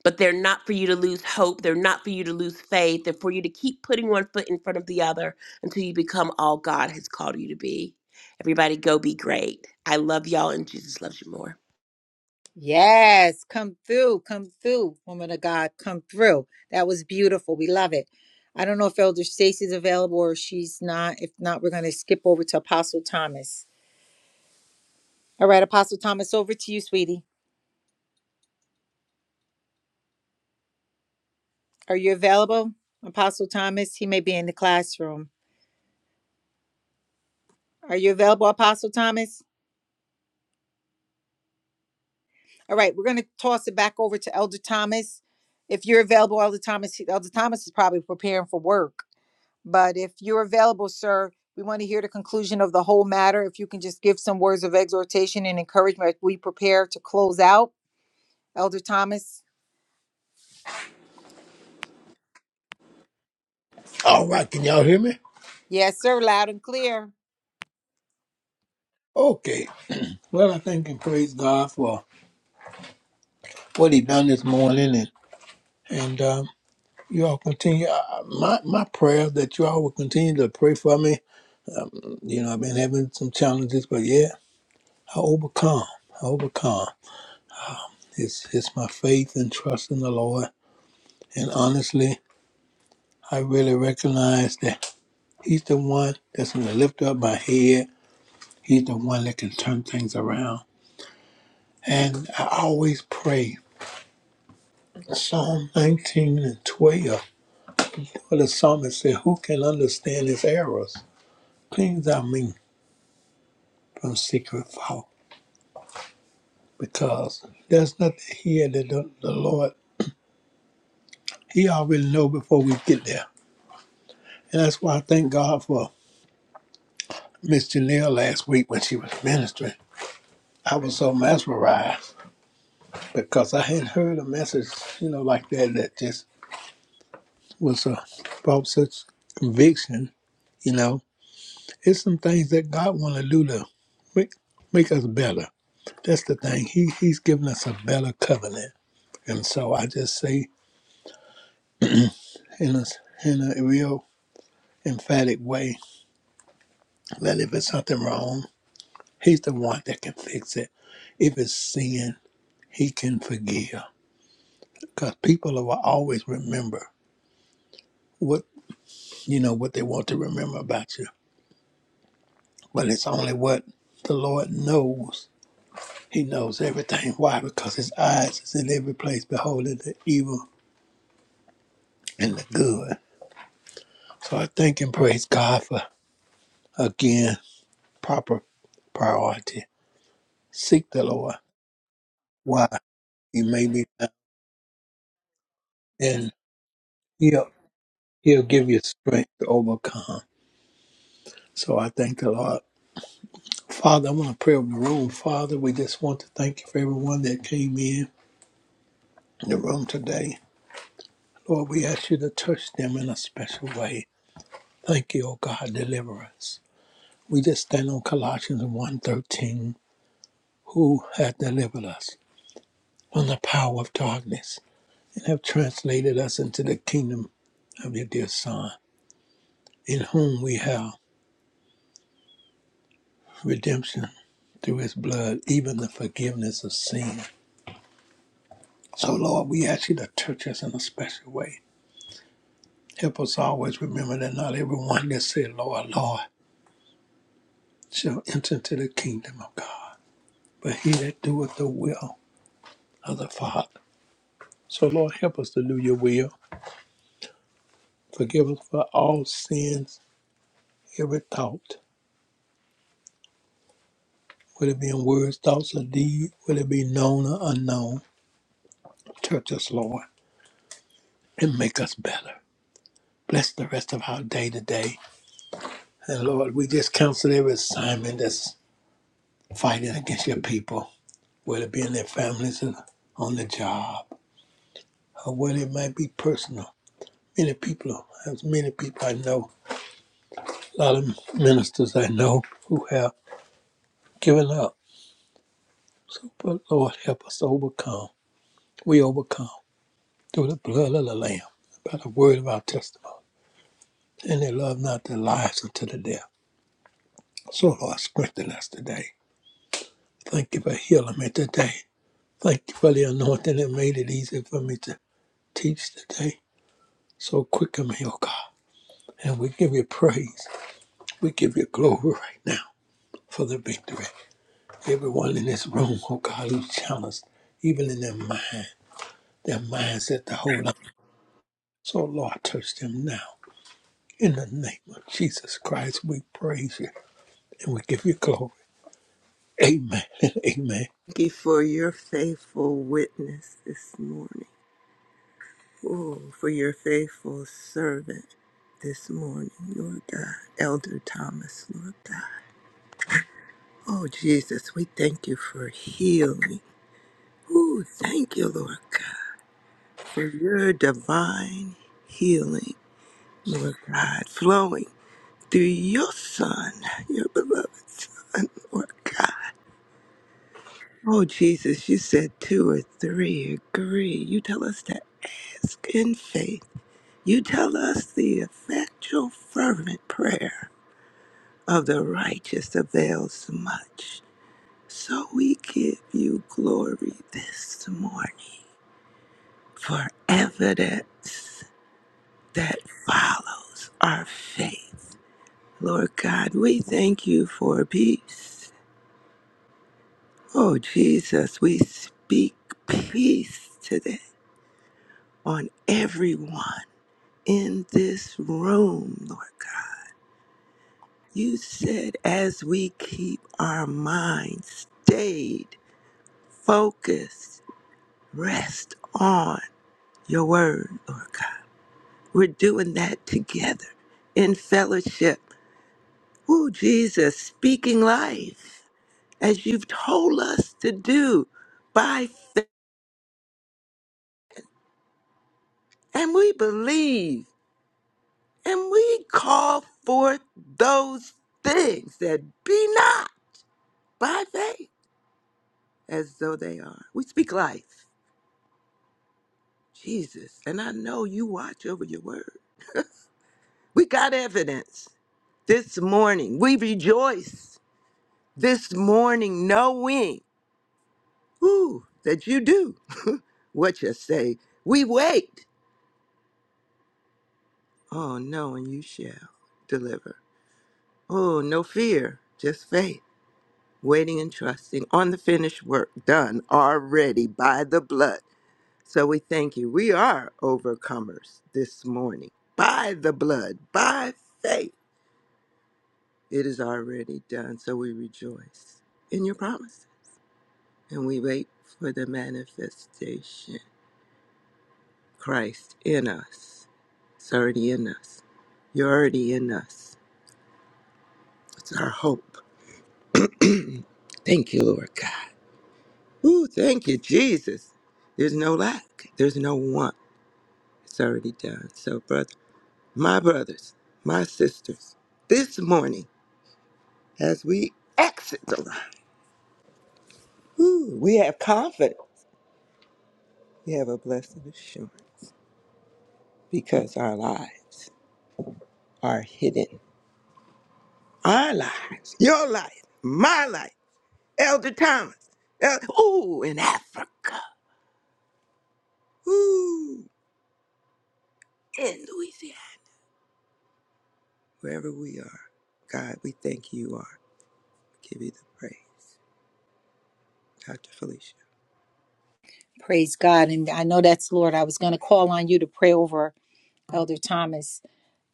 Speaker 4: but they're not for you to lose hope. They're not for you to lose faith. They're for you to keep putting one foot in front of the other until you become all God has called you to be. Everybody, go be great. I love y'all, and Jesus loves you more.
Speaker 1: Yes, come through, come through, woman of God, come through. That was beautiful. We love it. I don't know if Elder Stacy's available or she's not. If not, we're going to skip over to Apostle Thomas. All right, Apostle Thomas, over to you, sweetie. Are you available? Apostle Thomas, he may be in the classroom. Are you available, Apostle Thomas? All right, we're going to toss it back over to Elder Thomas. If you're available, Elder Thomas, Elder Thomas is probably preparing for work. But if you're available, sir, we want to hear the conclusion of the whole matter. If you can just give some words of exhortation and encouragement, we prepare to close out. Elder Thomas?
Speaker 3: All right, can y'all hear me?
Speaker 1: Yes, sir, loud and clear.
Speaker 3: Okay. Well, I thank and praise God for what He done this morning, and and um, you all continue. Uh, my my prayer that you all will continue to pray for me. You know, I've been having some challenges, but yeah, I overcome. I overcome. It's, it's my faith and trust in the Lord. And honestly, I really recognize that He's the one that's going to lift up my head. He's the one that can turn things around. And I always pray Psalm 19 and 12, where the psalmist said, Who can understand his errors? Cleanse our me from secret fault, because there's nothing here that the, the Lord, He already know before we get there. And that's why I thank God for Miss Janelle last week when she was ministering I was so mesmerized because I hadn't heard a message, you know, like that that just was a brought such conviction. You know, it's some things that God want to do to make make us better. That's the thing. He He's given us a better covenant, and so I just say in a in a real emphatic way that if it's something wrong, He's the one that can fix it. If it's sin, He can forgive because people will always remember. what. you know, what they want to remember about you. But it's only what the Lord knows. He knows everything. Why? Because his eyes is in every place, beholding the evil and the good. So I thank and praise God for again proper priority. Seek the Lord. Why? He may be found, and he'll he'll give you strength to overcome. So I thank the Lord. Father, I want to pray over the room. Father, we just want to thank you for everyone that came in the room today. Lord, we ask you to touch them in a special way. Thank you, O God, deliver us. We just stand on Colossians one thirteen, who hath delivered us from the power of darkness and have translated us into the kingdom of your dear Son, in whom we have redemption through his blood, even the forgiveness of sin. So, Lord, we ask you to touch us in a special way. Help us always remember that not everyone that said, Lord, Lord, shall enter into the kingdom of God. but he that doeth the will of the Father. So, Lord, help us to do your will. Forgive us for all sins, every thought, whether it be in words, thoughts, or deeds, whether it be known or unknown. Touch us, Lord, and make us better. Bless the rest of our day today. And Lord, we just counsel every assignment that's fighting against your people, whether it be in their families and on the job, or whether it might be personal. Many people, as many people I know, a lot of ministers I know who have Given up. So, but Lord, help us to overcome. We overcome through the blood of the Lamb, by the word of our testimony. And they love not their lives unto the death. So, Lord, strengthen us today. Thank you for healing me today. Thank you for the anointing that made it easy for me to teach today. So quicken me, oh God. And we give you praise. We give you glory right now for the victory. Everyone in this room, oh God, who's challenged, even in their mind, their mindset, the whole So, Lord, touch them now. In the name of Jesus Christ, we praise you and we give you glory. Amen and amen.
Speaker 5: Thank you for your faithful witness this morning. Oh, for your faithful servant this morning, Lord God. Elder Thomas, Lord God. Oh, Jesus, we thank you for healing. Oh, thank you, Lord God, for your divine healing Lord God, flowing through your Son, your beloved Son, Lord God. Oh, Jesus, you said two or three agree. You tell us to ask in faith. You tell us the effectual, fervent prayer of the righteous avails much. So we give you glory this morning for evidence that follows our faith Lord God, we thank you for peace. Oh, Jesus, we speak peace today on everyone in this room, Lord God. You said as we keep our minds stayed, focused, rest on your word, Lord God. We're doing that together in fellowship. Oh, Jesus, speaking life as you've told us to do by faith and we believe and we call forth those things that be not by faith as though they are. We speak life, Jesus, and I know you watch over your word. We got evidence this morning. We rejoice this morning knowing whew, that you do *laughs* what you say. We wait. Oh, no, and you shall deliver. Oh, no fear, just faith. waiting and trusting on the finished work done already by the blood. So we thank you. We are overcomers this morning by the blood, by faith. It is already done. So we rejoice in your promise and we wait for the manifestation. Christ in us. It's already in us. You're already in us. It's our hope. *clears throat* thank you, Lord God. Ooh, thank you, Jesus. There's no lack. There's no want. It's already done. So, brother, my brothers, my sisters, this morning, as we exit the line, whew, we have confidence. We have a blessed assurance because our lives are hidden. Our lives, your life, my life, Elder Thomas, El- ooh, in Africa, ooh, in Louisiana, wherever we are. God, we thank you are. Give you the praise. Dr. Felicia.
Speaker 1: Praise God. And I know that's Lord. I was going to call on you to pray over Elder Thomas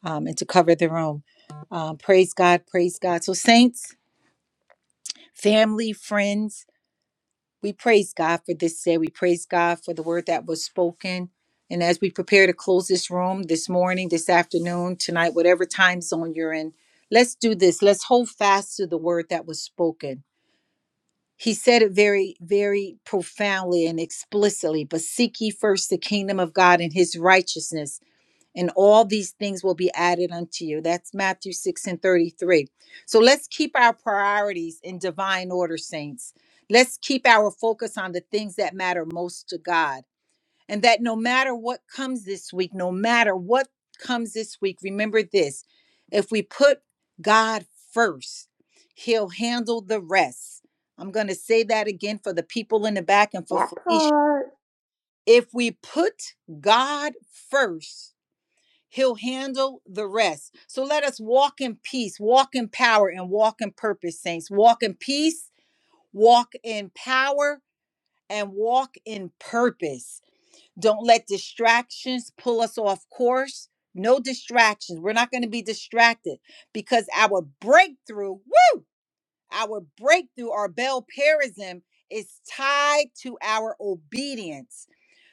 Speaker 1: um, and to cover the room. Um, praise God. Praise God. So, saints, family, friends, We praise God for this day. We praise God for the word that was spoken. And as we prepare to close this room this morning, this afternoon, tonight, whatever time zone you're in, let's do this. Let's hold fast to the word that was spoken. He said it very, very profoundly and explicitly, but seek ye first the kingdom of God and his righteousness and all these things will be added unto you. That's Matthew 6 and 33. So let's keep our priorities in divine order, saints. Let's keep our focus on the things that matter most to God. And that no matter what comes this week, no matter what comes this week, remember this if we put God first, He'll handle the rest. I'm going to say that again for the people in the back and for
Speaker 4: That
Speaker 1: Felicia.
Speaker 4: part.
Speaker 1: If we put God first, He'll handle the rest. So let us walk in peace, walk in power, and walk in purpose, saints. Walk in peace, walk in power, and walk in purpose. Don't let distractions pull us off course. No distractions. We're not going to be distracted because our breakthrough, our breakthrough, our bell parism is tied to our obedience.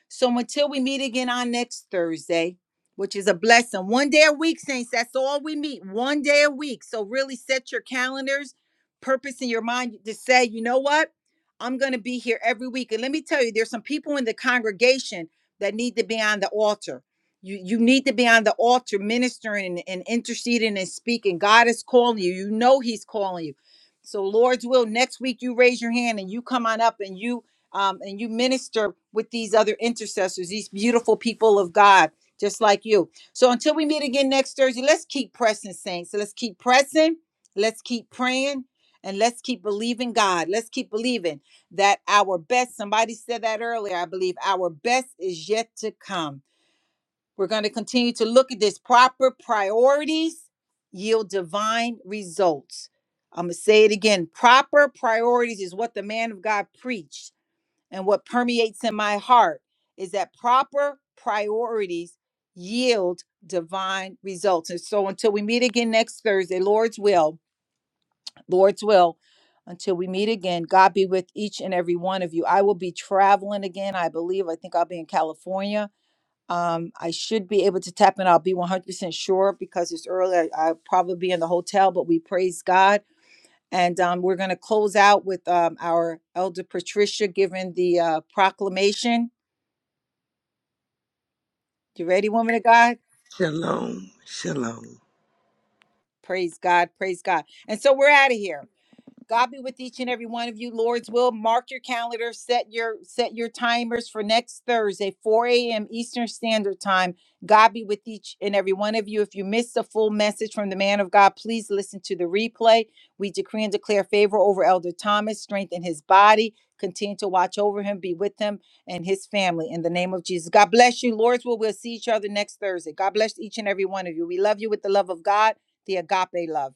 Speaker 1: So until we meet again on next Thursday, which is a blessing, one day a week, Saints, that's all we meet, one day a week. So really set your calendars, purpose in your mind to say, you know what? I'm going to be here every week. And let me tell you, there's some people in the congregation that need to be on the altar. You, you need to be on the altar ministering and, and interceding and speaking. God is calling you. You know He's calling you. So, Lord's will, next week you raise your hand and you come on up and you um, and you minister with these other intercessors, these beautiful people of God, just like you. So until we meet again next Thursday, let's keep pressing, saints. So Let's keep pressing. Let's keep praying. And let's keep believing God. Let's keep believing that our best, somebody said that earlier, I believe, our best is yet to come. We're going to continue to look at this proper priorities yield divine results. I'm going to say it again. Proper priorities is what the man of God preached and what permeates in my heart is that proper priorities yield divine results. And so until we meet again next Thursday, Lord's will, Lord's will, until we meet again, God be with each and every one of you. I will be traveling again, I believe. I think I'll be in California. Um, I should be able to tap in. I'll be 100% sure because it's early. I, I'll probably be in the hotel, but we praise God. And um, we're going to close out with um, our elder Patricia giving the uh, proclamation You ready, woman of God?
Speaker 5: Shalom, shalom.
Speaker 1: Praise God, praise God. And so we're out of here. God be with each and every one of you. Lord's will. Mark your calendar. Set your set your timers for next Thursday, 4 a.m. Eastern Standard Time. God be with each and every one of you. If you missed a full message from the man of God, please listen to the replay. We decree and declare favor over Elder Thomas, strengthen his body, continue to watch over him, be with him and his family in the name of Jesus. God bless you. Lord's will. We'll see each other next Thursday. God bless each and every one of you. We love you with the love of God, the agape love.